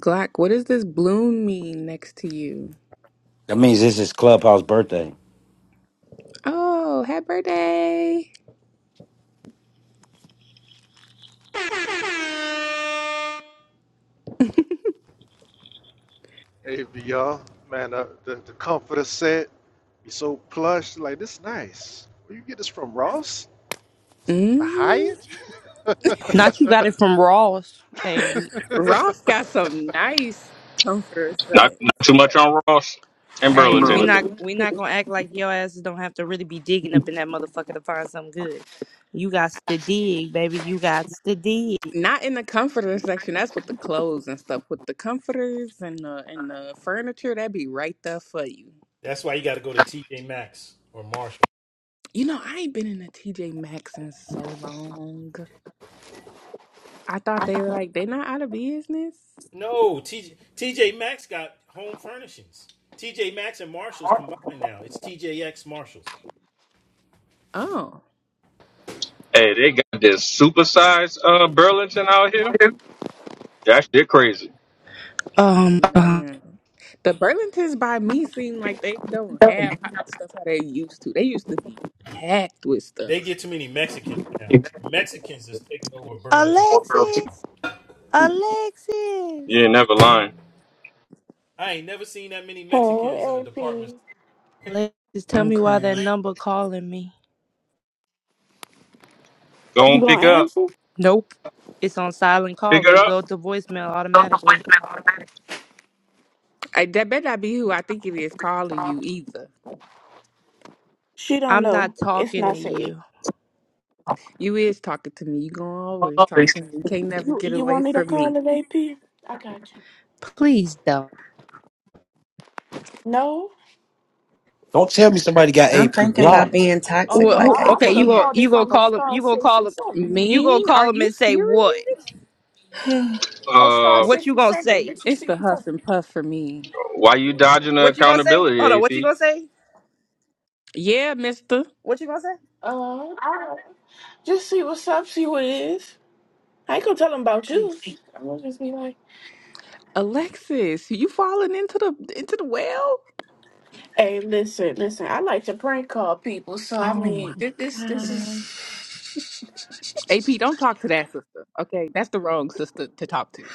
T: Glock, what does this bloom mean next to you?
P: That means this is Clubhouse birthday.
T: Oh, happy birthday.
K: Hey, VR, man, uh, the, the comforter set, be so plush. Like, this nice. Where you get this from, Ross? The
T: hmm
K: Hyatt?
V: Not you got it from Ross. Hey, we,
T: Ross got some nice comforter
N: Not
T: set.
N: not too much on Ross and
V: hey, we
N: Burlington.
V: not, we not gonna act like your asses don't have to really be digging up in that motherfucker to find something good. You got to dig, baby. You got to dig.
T: Not in the comforter section. That's with the clothes and stuff. With the comforters and the and the furniture, that'd be right there for you.
U: That's why you got to go to TJ Maxx or Marshall.
T: You know, I ain't been in a TJ Maxx in so long. I thought they were like they not out of business.
U: No, TJ TJ Maxx got home furnishings. TJ Maxx and Marshalls combined now. It's TJX Marshalls.
T: Oh
N: Hey, they got this supersized uh Burlington out here. That shit crazy.
V: Um.
T: man, the Burlingtons by me seem like they don't have hot stuff how they used to. They used to be packed with
U: They
T: stuff.
U: get too many Mexicans now. The Mexicans is taking over Burlington.
V: Alexis,
T: Mm,
N: You
V: Alexis.
N: ain't never lying.
U: I ain't never seen that many
B: Hey,
U: Mexicans in a
B: AP.
U: department
B: You
V: Alexis, tell
T: I'm
V: me why
T: crying.
V: that number calling me.
N: Go and
B: gonna
N: pick up.
B: answer?
V: Nope. It's on silent
N: Pick
V: caller.
N: it
V: It
N: up.
V: goes to voicemail automatically.
T: I, that better not be who I think it is calling you either.
B: She don't
V: I'm not
B: know. It's
V: talking
B: not
V: to
B: safe.
V: you.
T: You is talking to me. You gonna always talk to me. You can't never
B: You
T: get
B: you
T: away
B: want me to
T: from
B: call
T: me.
B: it AP? I got you.
V: Please don't.
B: No?
P: Don't tell me somebody got
W: I'm
P: AP
W: thinking about
P: blocked.
W: being
B: Oh
W: toxic
V: Well,
B: no, I,
W: like
V: who,
B: I
W: AP.
V: okay,
B: would
V: you
B: have
V: go
B: called it
V: you go
B: from a
V: call him
B: star
V: you gonna
B: six
V: call
B: and
V: him
B: seven.
V: you gonna
T: Mean?
V: call
T: Are
V: him
T: you
V: and say what?
T: serious?
B: Oh, star
N: Uh
V: What you gonna
B: 67.
V: say?
B: Did you
T: It's
B: see
T: the
B: what's up?
T: huff and puff for me.
N: why you dodging the
V: What you gonna say? Hold
N: accountability,
V: on, what you
N: AP?
V: gonna say?
T: Yeah, Mister
V: What you gonna say?
B: Uh, just see what's up, see what it is. I ain't gonna tell them about you.
V: Please.
B: I'm gonna just be like,
T: Alexis, you falling into the into the well?
B: hey, listen, listen, I like to prank call people, so I
T: Oh my
B: mean, this, this, this
T: gosh.
B: is.
T: AP, don't talk to that sister. Okay, that's the wrong sister to talk to.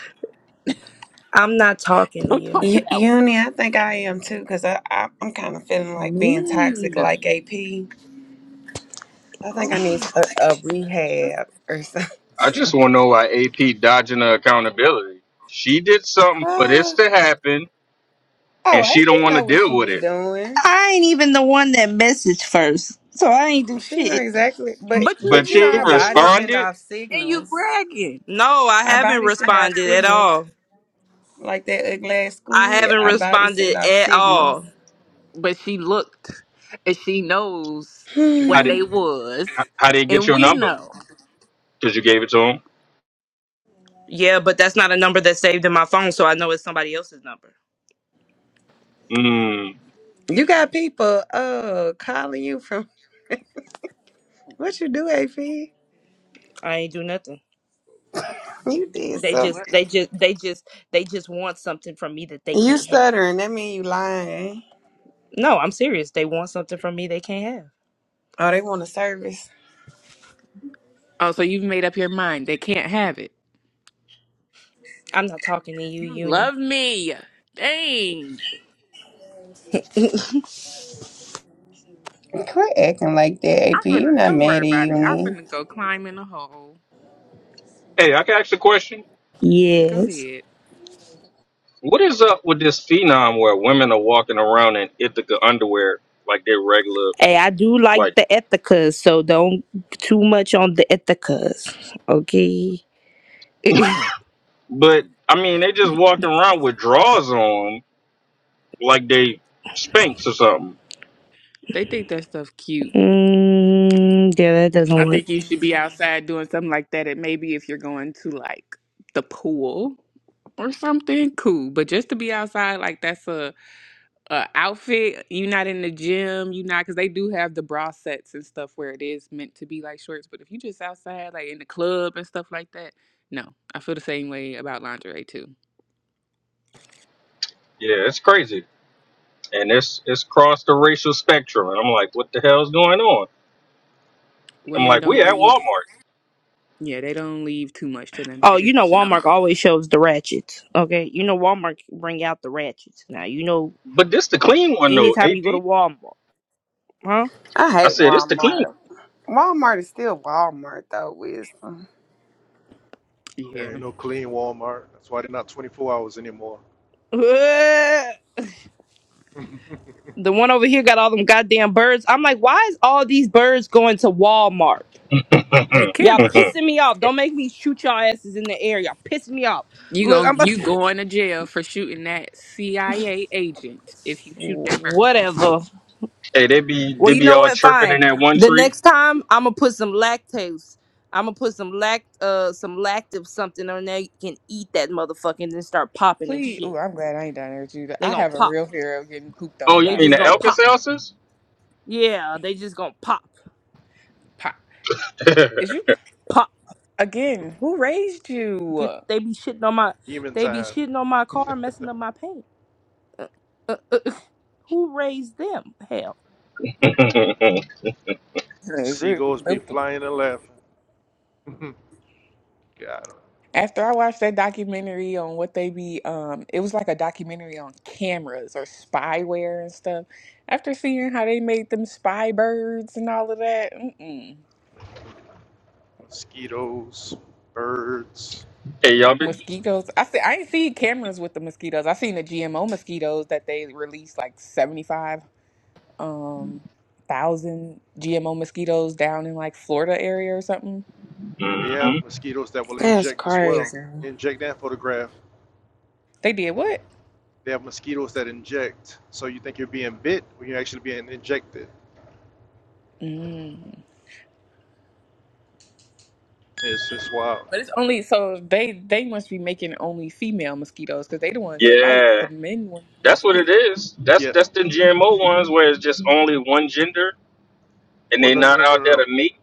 V: I'm not talking to
T: Don't
V: you.
T: talk to that one.
W: Uni, I think I am too, because I, I, I'm kind of feeling like being toxic
T: Mean.
W: like AP. I think I
T: Oh
W: need
T: my.
W: a, a rehab or
N: I just
W: something.
N: wanna know why AP dodging the accountability. She did something for this
W: oh,
N: to happen and she
W: AP
N: don't wanna
W: know what
N: deal
W: she
N: with
W: be
N: it.
W: doing.
V: I ain't even the one that messaged first. So I ain't do
W: She know
V: shit.
W: exactly,
T: god.
W: but
T: But you
N: But
W: but you know
N: she
T: you
W: our
T: you
W: bodies
T: look
W: send
N: responded.
W: off
T: and you
W: signals.
T: bragging.
V: No, I
W: Our
V: haven't
W: bodies send off
V: responded at
W: signals
V: all.
W: like that ugly ass
V: I
W: squid.
V: haven't
W: Our bodies send
V: responded
W: off
V: at
W: signals.
V: all.
T: but she looked and she knows
N: How
T: what
N: did
W: Hmm.
T: they was
N: how how did he get
T: and
N: your
T: we
N: number?
T: know
N: Because you gave it to him.
V: Yeah, but that's not a number that's saved in my phone, so I know it's somebody else's number.
N: Mm.
W: You got people uh calling you from What you do, AP? You
V: I ain't do nothing.
W: did
T: Said
V: They
W: something.
V: just
T: what?
V: they just they just they just want something from me that they
W: You
V: can't have.
W: stuttering. That mean you lying.
V: No, I'm serious. They want something from me they can't have.
W: Oh, they want a service.
T: oh so you've made up your mind they can't have it
V: I'm not talking to you,
T: you
V: Uni.
T: love me dang
W: Quit acting like that, AP.
T: i'm finna
W: You not
T: don't worry
W: mad at
T: about it i'm
W: uni.
T: finna go climb in a hole
N: Hey, I can ask a question.
T: go
V: Yes.
T: ahead
N: What is up with this phenom where women are walking around in Ithaca underwear like they're regular,
V: Hey, I do like
N: like?
V: the ethicas, so don't too much on the ethicas. Okay.
N: But I mean, they just walking around with drawers on like they Spanx or something.
T: they think that stuff cute
V: mm, yeah, that doesn't
T: i
V: work.
T: think you should be outside doing something like that and maybe if you're going to like the pool or something cool but just to be outside like that's a uh, outfit. You're not in the gym. you not because they do have the bra sets and stuff where it is meant to be like shorts. But if you just outside, like in the club and stuff like that, no, I feel the same way about lingerie too.
N: Yeah, it's crazy, and it's it's crossed the racial spectrum. And I'm like, what the hell's going on? I'm
T: Women
N: like, we
T: don't
N: at
T: leave.
N: Walmart,
T: Yeah, they don't leave too much to the
V: Oh, you know
T: imagination of
V: Walmart
T: mom.
V: always shows the ratchets. Okay, you know Walmart bring out the ratchets. Now you know
N: but this the clean one though,
V: anytime you go to
N: AP.
V: Walmart, huh?
W: I
N: I
W: hate
N: said it's the clean.
W: Walmart. Walmart is still Walmart though, wisdom.
K: there
T: Yeah,
K: ain't no clean Walmart. That's why they're not 24 hours anymore.
V: the one over here got all them goddamn birds. I'm like, why is all these birds going to Walmart?
T: they
V: Y'all
T: cameras.
V: pissing me off. Don't make me shoot y'all asses in the air. Y'all pissing me off.
T: You
V: Look,
T: gon'
V: I'm about
T: you going to jail for shooting that CIA agent if you shoot that bird.
V: whatever.
N: hey, they be
V: Well,
N: they
V: you
N: be
V: know
N: all
V: what?
N: chirping
V: Fine.
N: in that one
V: The
N: tree.
V: next time I'm gonna put some lactose. I'm gonna put some lact uh some lactive something on there. You can eat that motherfucker and then start popping and
T: Please,
V: shit.
T: oh, I'm glad I ain't down there with you.
V: They
T: I
V: gonna
T: have a
V: pop.
T: real fear of getting pooped
N: Oh,
T: on
N: you
V: They
T: by a
N: mean
V: just
N: the
V: gonna
T: bird.
N: Alka
V: pop.
N: Seltzers?
V: Yeah, they just gonna pop.
T: Pop. Is you?
V: Pop.
T: Again, who raised you?
V: Get they be shitting on my
K: Demon
V: they be
K: time.
V: shitting on my car, messing up my paint. Uh, uh, uh, uh, who raised them? Hell.
T: It's real
K: Seagulls be
T: stupid.
K: flying and laughing. Got 'em.
T: After I watched that documentary on what they be, um, it was like a documentary on cameras or spyware and stuff. After seeing how they made them spy birds and all of that, mm-mm.
K: Mosquitoes, birds.
N: hey, y'all be
T: mosquitoes. I see. I ain't seen cameras with the mosquitoes. I seen the GMO mosquitoes that they released like seventy five um thousand GMO mosquitoes down in like Florida area or something.
K: They have
N: hmm
K: mosquitoes that will
W: That's
K: inject as well.
W: crazy.
K: Inject and photograph.
T: They did what?
K: They have mosquitoes that inject. So you think you're being bit when you're actually being injected.
T: Mm.
K: It's just wild.
T: But it's only so they they must be making only female mosquitoes because they the ones that bite. The
N: Yeah,
T: men ones
N: that's
T: don't
N: what it
T: bite.
N: is. That's
K: Yeah,
N: that's the GMO
K: if you
N: ones where it's just only one gender and
K: well,
N: they
K: no, no,
N: not
K: no, no,
N: out
K: no,
N: there
K: no.
N: to meet.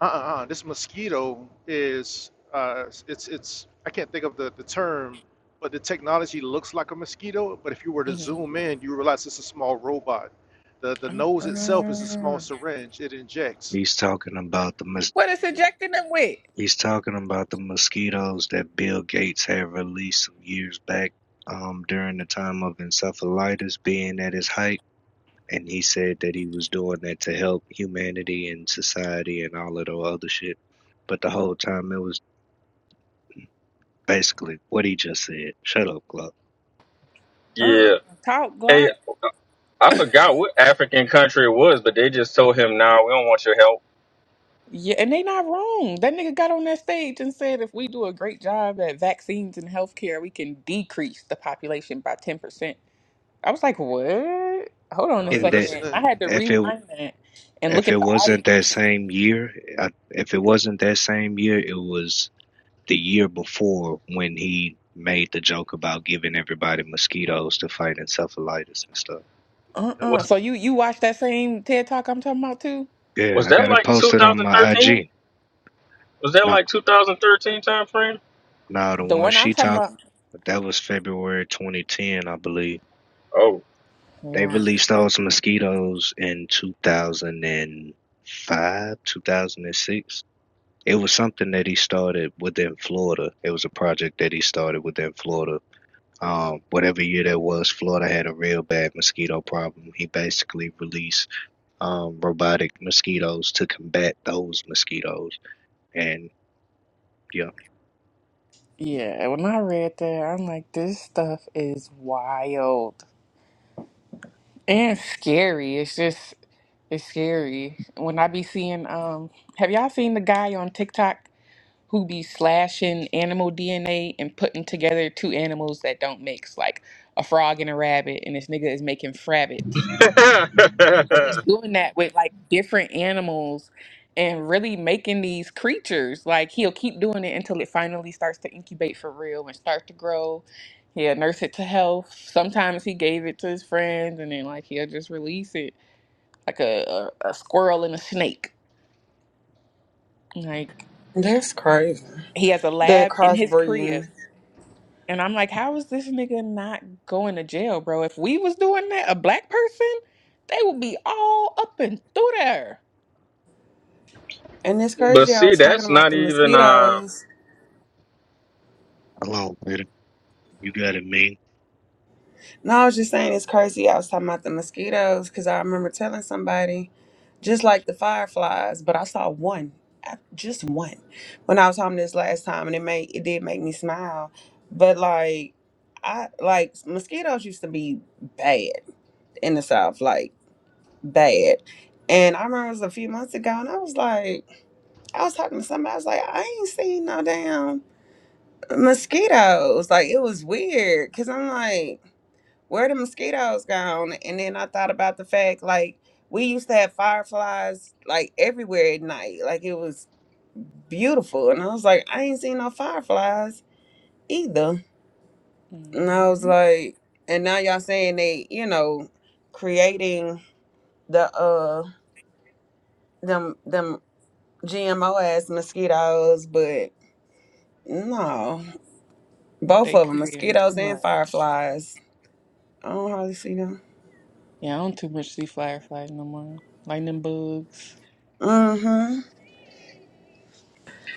K: Uh, uh, uh this mosquito is uh, it's it's I can't think of the the term, but the technology looks like a mosquito. But if you were to
T: Mm-hmm.
K: zoom in, you realize it's a small robot. The the nose itself is a small
T: Uh-uh.
K: syringe. It injects.
C: He's talking about the
T: What is injecting them with?
C: He's talking about the mosquitoes that Bill Gates had released some years back um, during the time of encephalitis being at its height. And he said that he was doing that to help humanity and society and all of the other shit. But the whole time it was basically what he just said. Shut up, Glock.
T: Uh-uh.
N: Yeah.
T: Talk Glock.
N: Hey, I forgot what African country it was, but they just told him, "Nah, we don't want your help."
T: Yeah, and they not wrong. That nigga got on that stage and said if we do a great job at vaccines and healthcare, we can decrease the population by ten percent. I was like, what? Hold
K: You
T: on
K: know
T: a
K: what I mean?
C: And that
T: second. I
K: Listening.
T: had to
C: if it
T: rewind that and look
C: if
T: at
C: it
T: the
C: wasn't that
T: audience.
C: same year, I, if it wasn't that same year, it was the year before when he made the joke about giving everybody mosquitoes to fight encephalitis and stuff.
K: Yep.
T: Uh-uh.
N: Was
T: So you you watched that same TED talk I'm talking about too?
C: Yeah,
N: was
C: I
N: that
C: got it
N: like
C: posted on my
N: 2013?
C: IG.
N: Was that
C: Not
N: like 2013 time frame?
C: now now the
T: The
C: one
T: one I'm
C: she
T: talking
C: talked
T: about.
C: that was February 2010, I believe.
N: Oh.
C: They
T: Yeah.
C: released those mosquitoes in 2005, 2006. It was something that he started within Florida. It was a project that he started within Florida. Um, whatever year that was, Florida had a real bad mosquito problem. He basically released um, robotic mosquitoes to combat those mosquitoes. And yeah,
T: Yeah. When I read that, I'm like, this stuff is wild and scary. It's just, it's scary. When I be seeing, um, have y'all seen the guy on TikTok who be slashing animal DNA and putting together two animals that don't mix, like a frog and a rabbit, and this nigga is making frabbits.
N: but
T: but he's doing that with like different animals and really making these creatures like he'll keep doing it until it finally starts to incubate for real and start to grow he'll nurse it to health sometimes he gave it to his friends and then like he'll just release it like a, a, a squirrel and a snake like
W: That's crazy.
T: he has a
W: That
T: lab in his crib
W: crossbreeding.
T: and i'm like how is this nigga not going to jail bro if we was doing that a black person they would be all up and through there
W: And it's crazy I
N: see,
W: was talking
N: that's
W: about
N: not
W: the
N: even uh.
W: mosquitoes.
C: alone, Brandon. You got it, man.
W: No, I was just saying it's crazy. I was talking about the mosquitoes because I remember telling somebody, just like the fireflies, but I saw one, I- just one, when I was home this last time, and it made it did make me smile. But like, I like mosquitoes used to be bad in the south, like bad. And I remember it was a few months ago, and I was like, I was talking to somebody, I was like, I ain't seen no damn mosquitoes. Like it was weird because I'm like where the mosquitoes gone? And then I thought about the fact like we used to have fireflies like everywhere at night. Like it was beautiful. And I was like, I ain't seen no fireflies either. And I was
T: Mm-hmm.
W: like, and now y'all saying they, you know, creating the uh them them GMO ass mosquitoes, but no. Both
T: They
W: of them,
T: creating
W: mosquitoes
T: too
W: and
T: much.
W: fireflies. I don't hardly see them.
T: Yeah, I don't too much see fireflies no more. Lightning bugs.
W: Mm-hmm.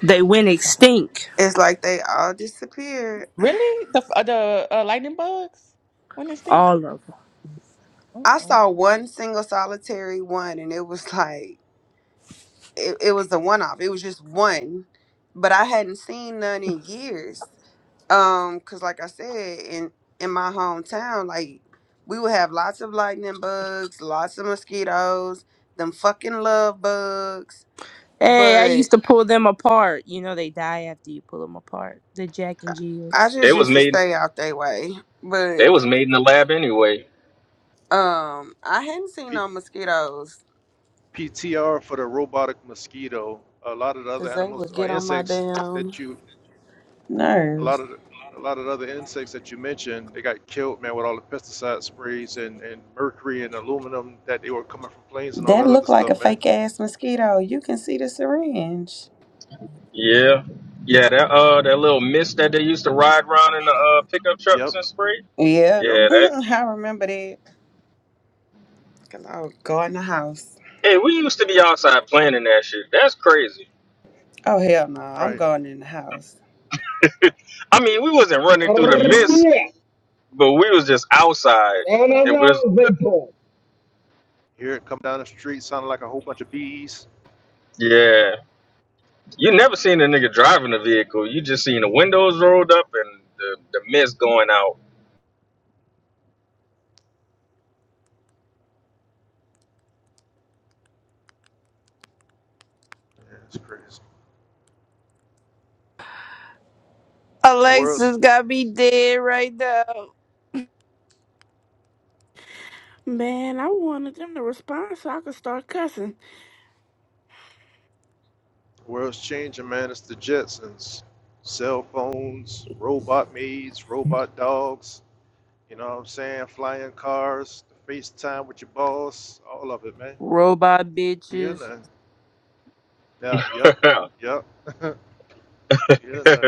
V: They went extinct.
W: It's like they all disappeared.
T: Really? The f- uh, the uh, lightning bugs? When they stink?
V: All of them.
W: I
T: Uh-uh.
W: saw one single solitary one, and it was like it, it was a one off. It was just one, but I hadn't seen none in years. Um, cause like I said, in in my hometown, like we would have lots of lightning bugs, lots of mosquitoes, them fucking love bugs.
V: Hey, I
W: But
V: used to pull them apart. You know they die after you pull them apart. The Jack and Jills.
W: I
N: They
W: just
N: was
W: used to
N: made.
W: stay out their way. But
N: They was made in the lab anyway.
W: um, I hadn't seen
K: P-
W: no mosquitoes,
K: PTR for the robotic mosquito. A lot of the other
W: cause they would
K: animals or
W: get on my
K: insects
W: damn
K: that you a
W: nerves.
K: lot of a lot of the other insects that you mentioned, they got killed, man, with all the pesticide sprays and, and mercury and aluminum that they were coming from planes and all
W: That
K: that other
W: looked like a
K: stuff, man.
W: fake ass mosquito. You can see the syringe.
N: Yeah. Yeah, that uh that little mist that they used to ride around in the uh pickup trucks
K: Yep,
N: and spray.
W: Yep.
K: yep,
N: Yeah, that
W: I remember that. Cause I was going in the house.
N: hey, we used to be outside playing in that shit. That's crazy.
W: Oh hell no, I'm
K: right.
W: going in the house.
N: I mean, we wasn't running through the mist, but we was just outside
S: Yeah, and I'm
N: and we're
S: on
K: Hear it come down the street, sounding like a whole bunch of bees.
N: yeah. You never seen a nigga driving a vehicle. You just seen the windows rolled up and the, the mist going out.
K: Yeah, it's crazy. The world's
V: Alexa's got me dead right now.
B: Man, I wanted them to respond so I could start cussing.
K: world's changing, man. It's the Jetsons, cell phones, robot maids, robot dogs. You know what I'm saying? Flying cars, the FaceTime with your boss, all of it, man.
V: Robot
K: We hear
V: bitches.
K: nothing. Yeah, yep, yep. We hear Yeah,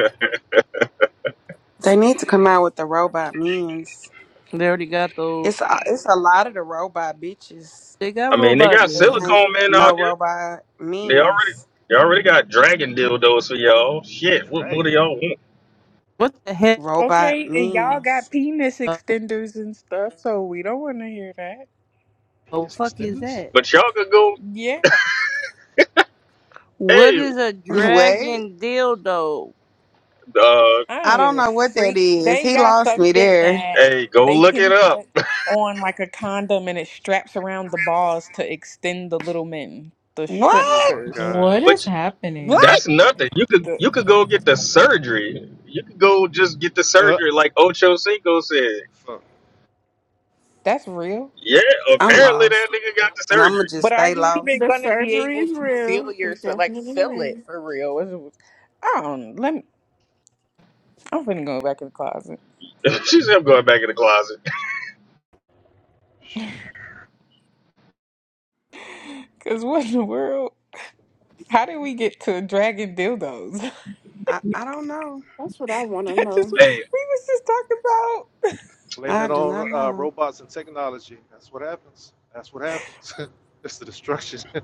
W: They need to come out with the robot means.
V: They already got those.
W: It's a, it's a lot of the robot bitches.
V: They got
N: I mean, they
V: robot
N: got
W: But it
V: men.
W: ain't
N: silicone men
W: no
N: out there.
W: robot
N: They already
W: means.
N: they already got dragon dildos for y'all. Shit, what more do
K: Dragon?
N: y'all want?
V: What the hell?
W: Robot
T: Okay, and y'all got
W: means.
T: penis extenders and stuff, so we don't want to hear that.
V: The
K: Penis
V: fuck is
K: extenders?
V: that?
N: But y'all could go.
T: Yeah,
V: What
N: Hey,
V: is a
K: What?
W: Wait.
V: dragon dildo?
N: uh,
T: I
W: I
T: don't give
W: don't
T: a
W: know what that
T: freak.
W: is.
T: They
W: He
T: got
W: lost me
T: something
W: there.
T: that
N: hey, go
T: they
N: look it
T: can
N: up.
T: put on like a condom and it straps around the balls to extend the little men, the
K: Oh
W: What?
K: my
T: shrimpsters.
K: god.
X: What is
N: Which
V: What?
X: happening?
N: that's nothing. You could
T: The,
N: you could go get the surgery. You could go just get the
K: Uh,
N: surgery, like Ocho Cinco said.
K: fuck.
T: that's real.
N: Yeah,
W: I'm
N: apparently that
W: lost.
N: nigga got the
W: And I'ma
N: surgery.
W: just
T: But are
W: stay
T: you even
W: lost.
B: The
T: going to be
B: surgery
T: able
B: is
T: to feel
B: real. It's
T: yourself, like
B: definitely
T: feel it
B: real.
T: for real? It's- it's- I don't. know. Let me. I'm finna go back in the closet.
N: She's him going back in the closet.
T: Cause what in the world? How did we get to dragging dildos?
W: I, I don't know.
B: That's what I want to
T: that just we
B: know.
N: Hey,
T: was just talking about.
K: Blame
W: I
K: it
W: do not
K: on uh,
W: know.
K: robots and technology. That's what happens. That's what happens. it's the destruction.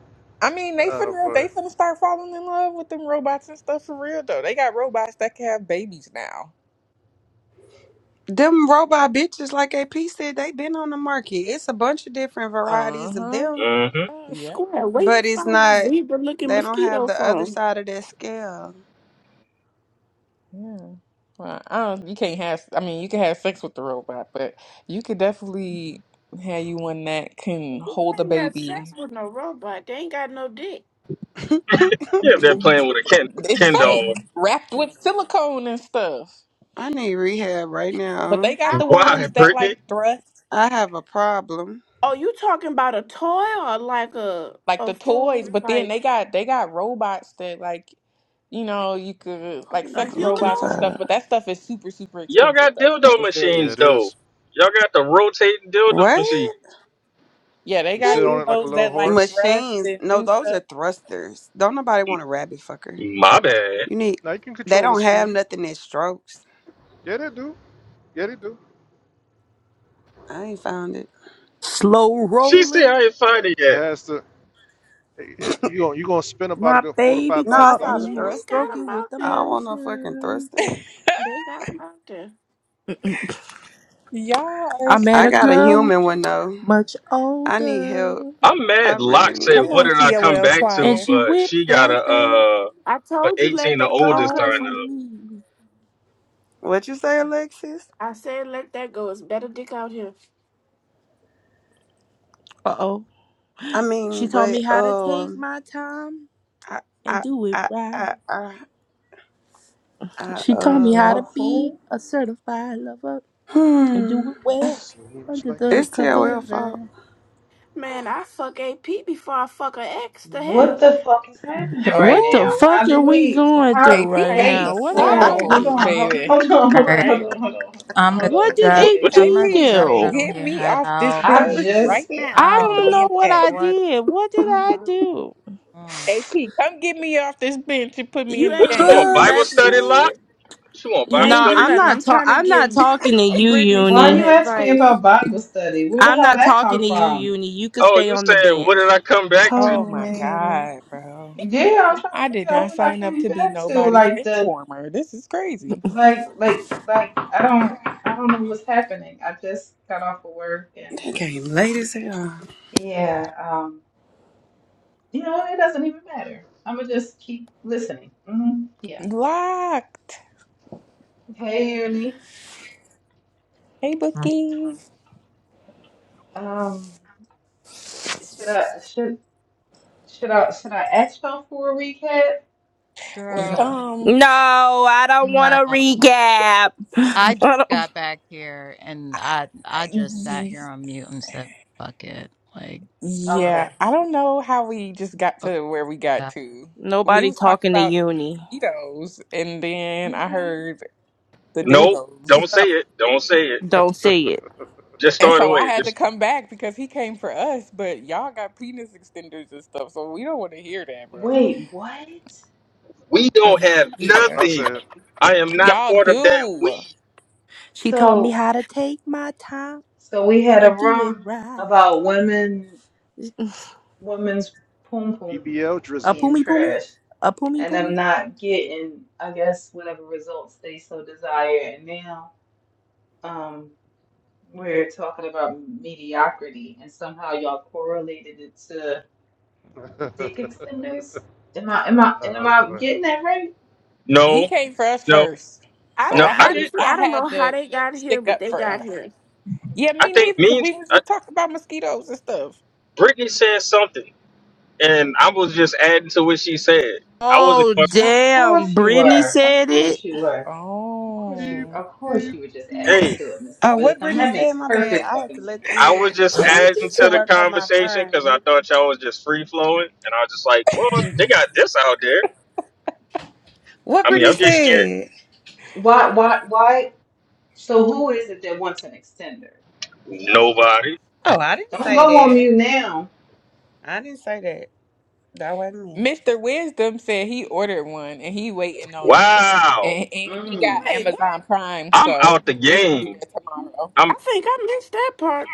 T: I mean, they
K: uh,
T: finna they
K: but
T: finna start falling in love with them robots and stuff for real though. They got robots that can have babies now.
W: Them robot bitches, like AP said, they been on the market. It's a bunch of different
T: Uh
W: varieties of
T: huh.
W: them,
N: mm-hmm.
B: Uh,
T: Yeah.
B: Square, where you
W: but it's
B: find a
W: not.
B: zebra looking
W: They don't have
B: mosquito
W: the other
B: from?
W: side of that scale.
T: Yeah. Well, I don't, you can't have, I mean, you can have sex with the robot, but you could definitely have you one that can
B: You
T: hold the
B: ain't got sex
T: baby.
B: with no robot. They ain't got no dick.
N: Yeah, they're playing with a Ken
T: It's
N: Ken doll.
T: fake, wrapped with silicone and stuff.
W: I need rehab right
T: But
W: now.
T: they got
B: I
T: the
B: don't
N: Why,
B: know.
T: ones that like
N: Brittany?
T: thrust,
W: I have a problem.
B: Oh, you talking about a toy or like a
T: like
B: a
T: the toys,
B: food
T: but then
B: like
T: they got they got robots that like, you know, you could
W: What
T: like
W: am
B: a
W: I
T: sex
W: looking
T: robots and
B: humanoid?
T: stuff, but
W: for?
T: that stuff is super, super
N: Y'all
T: expensive
N: got
T: though. Like
N: dildo
T: it's very, very
K: yeah,
N: machines
K: it
T: expensive.
N: though.
K: is.
N: Y'all got the rotating dildo machine.
W: What?
T: Yeah, they
K: You
T: got
K: sit
W: And
K: on it like a
T: dildos
K: little
T: that like
K: horse.
T: thrust
W: machines?
T: and
W: No,
T: do
W: those are
T: stuff.
W: thrusters. Don't nobody want a rabbit fucker.
N: My bad.
W: You need.
K: Now you can
W: They
K: control the
W: don't have
K: speed.
W: nothing that strokes.
K: Yeah, they do. Yeah, they do.
W: I ain't found it.
V: Slow
N: She said
V: rolling.
N: I ain't find it
K: It
N: yet.
K: has to. It, it, you gonna you gonna spend about a
V: My
K: good four to five
V: baby
W: No, I
K: thousand
V: taught
B: They,
W: saw
K: dollars
W: the
V: me
B: they
K: for it.
B: got
W: thrusters.
B: them
V: stroking
B: out
V: with
W: I
B: there.
W: don't want no fucking
V: emotion.
W: thruster.
B: They got them out there.
T: Y'all are
V: I
T: stupid.
V: met
W: I
V: a
W: got a
V: girl
W: human one though.
V: much
W: I need
V: older,
W: help.
N: I'm
W: I
N: mad.
W: really
N: Locke
W: need
N: said,
T: Come
N: "What
T: on,
W: help.
N: did I come
T: TOL
N: back to?"
V: and she
T: choir.
N: But
V: whipped
N: she got a
V: that thing
N: uh
B: I
N: for
B: told you let
N: 18 the
B: that go,
N: older sign
B: cousin.
V: on
N: up.
V: me.
W: What you say, Alexis?
B: I said let that go. It's better dick out here.
V: Uh oh.
W: I
V: She
W: mean,
V: taught me
W: but
V: how to take
W: um,
V: my time
W: I,
V: and
W: I,
V: do it
W: I,
V: right.
W: I, I, I
V: She taught
A: Is
V: me how to
W: um,
A: y'all
V: be
A: cool?
V: a certified lover and
W: hmm,
V: do it well
K: Seems
V: under
K: like
V: the
K: you're
W: it's
V: covers.
W: TOL fault.
K: ready.
B: Man, I fuck AP before I fuck a ex. The hell?
A: What the fuck is happening right
V: What the
A: now?
T: Oh,
A: How
V: fuck are
A: did
V: we
A: we?
V: going through
A: How?
T: AP
V: right
B: Right,
T: got the
V: now?
A: Wait.
V: What did
B: right,
V: I
A: Whoa. Hold
T: sauce,
V: do?
A: on. Hold,
T: baby.
A: hold on.
X: All
A: Hold on.
X: right.
A: Hold
B: right.
A: on. Hold on. Hold on.
X: I'm a
A: Hold
V: What
A: on.
V: did
A: Wait.
X: def
N: What
A: Wait.
N: what you-
X: I'm
T: AP,
A: Wait.
V: AP
X: a
A: Wait. Wait.
V: do?
T: get
X: definitely
T: me
X: head
T: off this
X: out.
A: I
T: bench
W: Oh
T: right
A: just.
W: shit!
T: now
X: I
V: I
T: and
X: don't
T: put
V: don't
T: me
X: know
V: know
T: in the
V: what I
T: game.
X: what
V: did.
X: the
V: What did
A: Oh
V: I
A: wow.
V: do?
X: on
T: AP, come get me off this bench and put me in
B: You
T: the
N: what you
B: ain't
T: game.
N: want
B: do
W: Oh
N: Bible
B: nothing.
N: study, Locke?
W: shit!
N: What you want
B: You
N: Bible
B: ain't
V: No,
B: do
N: study?
V: I'm
B: nothing.
V: not
B: I'm
V: ta-
B: trying to
V: I'm not
B: give
V: talking to you,
B: Brittany some
A: Why you
V: Uni.
A: asked me about
B: advice.
A: Bible study? Where the
V: I'm
A: hell
V: not
A: that
V: talking
A: come
V: to you,
A: from?
V: Uni. You could
N: Oh,
V: stay
N: you
V: on the
N: said, "What did
V: bench.
N: I come back to?"
T: Oh
W: Oh
T: my
W: man,
T: God, bro.
A: Yeah, I'm trying to
T: I did
A: figure out
T: not
A: what I
T: sign up
A: came
T: to be
A: back to.
T: nobody's
A: Like
T: bench
A: the.
T: warmer. This is crazy.
A: Like like like. I don't. I don't know what's happening. I just got off of work and.
W: they came late as hell.
A: Yeah. You know, it doesn't even matter. I'm gonna just keep listening. hmm Yeah.
T: Locked.
A: Hey, Ernie.
T: Hey, Bookie.
A: Um, should I should should I should I ask y'all for a recap or
X: girl.
A: no?
T: Um,
V: No, I don't want
X: No.
V: to recap.
X: I
V: I
X: just
V: don't-
X: got back here and I I just sat here on mute and said fuck it. Like girl.
T: Yeah,
A: Okay.
T: I don't know how we just got
X: Oh,
T: to where we got to.
X: God.
T: We
V: Nobody
T: was talking
V: talking to
T: about
V: Uni.
T: mosquitoes, and then I
A: Okay.
T: heard the
N: Nope.
T: dildos,
N: Don't say it. Don't say it.
V: Don't say it.
N: Just
T: and
N: throw it
T: so I
N: away.
T: had to
N: Just
T: come back because he came for us. But y'all got penis extenders and stuff, so we don't want to hear that, bro.
A: Wait, what?
N: we
T: Uh,
N: don't have
K: That's what
T: yeah,
K: I
N: nothing.
K: said.
N: I am not
T: y'all
N: part of that. We
T: do.
V: She taught me
A: So
V: how to take my time
A: so we had a
V: and do it
A: room
V: right.
A: about women women's poom poom
K: BBL
V: A
K: Drizzy.
A: being
V: pumi pumi?
A: trashed
V: A pumi
A: and
V: pumi?
A: them not getting, I guess, whatever results they so desire. And now. um. We're talking about mediocrity, and somehow y'all correlated it to dick extenders. Am I am I am
K: uh,
A: I
K: but
A: getting that right?
T: He
N: no,
T: came for us
N: no,
T: first, so
N: no.
T: I
B: I,
N: I
B: I
T: had to.
N: did.
B: honestly,
T: I
B: I don't know
T: had
B: how
T: to
B: they got here,
T: stick
B: but
T: up
B: they
T: for
B: got
T: us.
B: here.
T: Yeah,
N: I
T: me neither,
N: think
T: because
N: means
T: we was
N: I,
T: just talking about mosquitoes and stuff.
N: Brittany said something, and I was just adding to what she said. I wasn't.
V: Oh,
A: Of
V: damn.
A: course you
V: Brittany
A: were. Of
V: said
A: course
V: it.
A: you were. Of course you
K: beep,
T: Oh,
A: Of course
K: beep,
A: you were just adding
N: hey,
A: to it, Mr.
W: Uh, what
A: Wisdom.
W: Brittany
A: That makes
W: said, my bad.
A: perfect
W: I had to
A: fucking
W: let
A: sense.
W: them
N: I
W: in
N: was just
T: so what
N: adding
T: you
W: to
N: to the
T: say?
W: work on my
N: conversation because I
W: frame.
N: thought y'all was just free flowing, and I was just like, "Well,
A: Mm.
N: they got this out there."
W: What
N: I mean,
W: Brittany
N: I'm just here.
W: said?
A: Why why why? So who is it that wants an extender?
N: Nobody.
W: Oh, I didn't
A: Don't
W: say
A: go on
W: that.
A: mute now.
W: I didn't say that. That wasn't me.
T: Mr. Wisdom said he ordered one and he waiting on it.
N: Wow,
T: And and he got
A: Mm.
B: Wait, what?
T: Amazon Prime,
N: I'm
T: so
N: out the
T: it should be there
N: game.
T: tomorrow.
B: I
N: I'm
B: think I missed that part.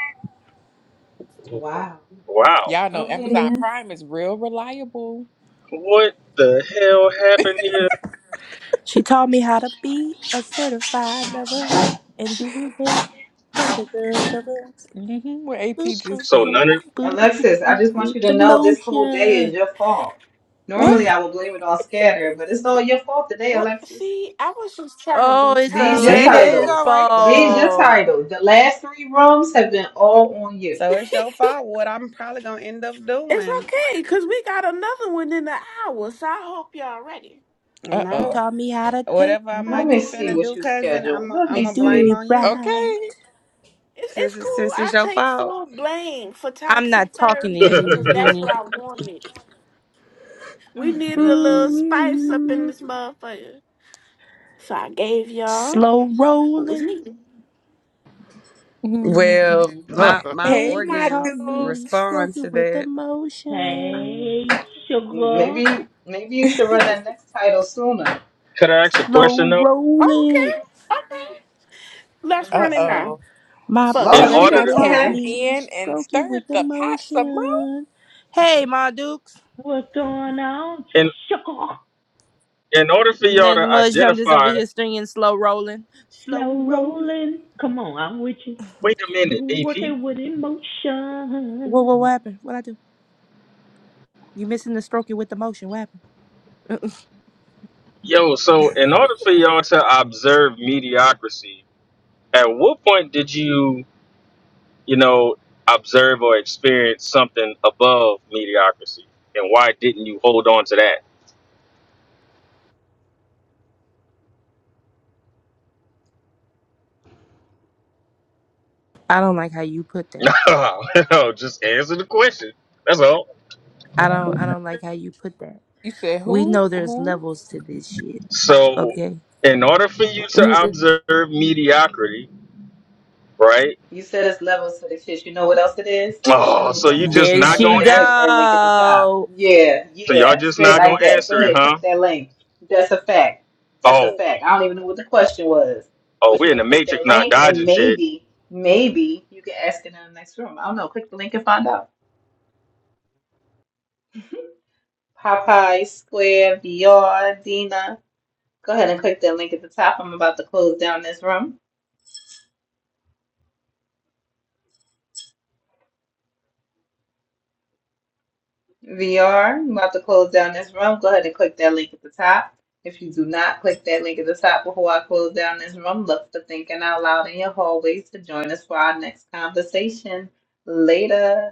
A: Wow.
N: wow.
T: Y'all know
A: Okay then.
T: Amazon Prime is real reliable.
N: What the hell happened here?
V: She taught me how to be a certified lover and do it well under the covers.
T: hmm what
V: Boop,
T: AP
V: boop,
T: just
N: So
V: boop,
N: none
T: said.
N: of.
V: boop, boop,
A: Alexis, I
V: boop,
A: just want you
V: with
A: to
V: the
A: know this whole day is
V: motion.
A: your fault. Normally,
V: What?
A: I would blame it on Scatter, but it's all your fault today,
B: Well,
A: Alexis.
B: see, I was just trying to
V: Oh,
B: be
V: it's
A: These
B: time
A: your
W: See, there it
B: sweet.
V: Alexis'
W: go
A: titles.
W: right there,
A: These your
W: cousin.
V: fault.
A: titles. The last three rooms have been all on you.
W: So it's your fault. What I'm probably gonna end up
B: It's
W: doing,
B: okay, cause we got another one in the hour, so I hope y'all ready.
W: you
V: She
W: know,
T: Uh-oh.
V: taught me how to take
W: whatever I
V: my
A: Let
W: might
A: me
W: be
A: see
V: time.
W: finna
A: what
W: do,
A: you
W: cousin, I'm
A: scheduled.
W: i
A: Let
W: I'm
A: me
V: and
W: gonna
V: do
W: blame
V: it
A: see.
W: on you
V: right.
T: Okay.
B: It's it's
W: since it's,
B: cool.
W: since it's
B: I
W: your
B: take
W: fault.
B: full blame for
V: I'm
B: Toxic
V: not talking to
B: Thursday because
V: you,
B: that's what
V: Uni.
B: I wanted. We
A: Mm,
B: needed a
A: mm,
B: little
A: mm,
B: spice up in
W: Mm.
B: this motherfucker, so I gave y'all
V: Slow
B: what was
V: rolling.
B: needed.
T: Mhm.
W: Well,
A: mm.
V: My
W: my
K: beep.
W: my
T: Hey,
V: baby
T: my
W: organs
V: taught
T: dude.
V: me stroke
W: respond to
V: it with
W: that.
V: emotion.
Y: Hey, sugar.
A: Maybe, maybe you should run that next title sooner.
N: Could I ask a question
V: Slow
N: though?
B: Oh,
V: rolling.
B: okay, okay. Let's
A: I'm
B: run it
A: just
B: now.
A: saying.
T: Uh-oh.
V: My
B: Fuck
T: Lock,
A: Oh
N: In
B: it,
T: you
B: let's
N: order
V: baby
B: run
A: shit.
T: done
N: to,
B: it
V: taught
A: Okay.
T: came
B: now.
V: me
T: in and
V: stroke it
T: stirred
V: with
T: the pot some
V: emotion. Hey, my dukes.
Y: What's going on?
N: in
Y: Sugar.
N: in order for y'all
V: Nothing
N: to
V: much. I'm just over
N: identify,
V: here singing slow rolling. Slow
Y: Slow
V: rolling.
Y: rolling. Come on, I'm with you.
N: wait a minute, AP.
Y: Working with
V: Whoa, whoa, what
Y: emotion.
V: happened? What I do? You missing the stroke it with emotion? What happened?
N: Yo, so in order for y'all to observe mediocrity, at what point did you? you know, observe or experience something above mediocrity? And why didn't you hold on to that?
V: I don't like how you put that.
N: No, no, just answer the question. That's all.
V: I don't. I don't like how you put that.
T: You said
V: We
T: who?
V: know there's
T: Who?
V: levels to this shit.
N: So,
V: Okay.
N: in order for you to observe mediocrity, right?
A: You said it's levels to this shit. You know what else it is? It's a
N: Oh,
A: new
N: so
A: room
N: you just
A: open.
V: There
A: Y'all
N: not
A: go
N: gonna
V: she
A: ahead and
N: an-
A: click that link at the top.
V: go.
A: Yeah,
N: so y'all
A: yeah,
N: just
A: straight
N: not gonna
A: like that. Go
N: answer it,
A: ahead,
N: huh?
A: click that link. That's a fact. That's a
N: Oh,
A: fact. I don't even know what the question was,
N: oh,
A: but you
N: we're in
A: can
N: the
A: click
N: matrix,
A: that
N: not
A: link and
N: dodging shit.
A: maybe, maybe you can ask in the next room. I don't know. Click the link and find out. Popeye Square VR Dina. Go ahead and click that link at the top. I'm about to close down this room. VR. I'm about to close down this room. Go ahead and click that link at the top. If you do not click that link at the top before I close down this room, look for thinking out loud in your hallways to join us for our next conversation. Later.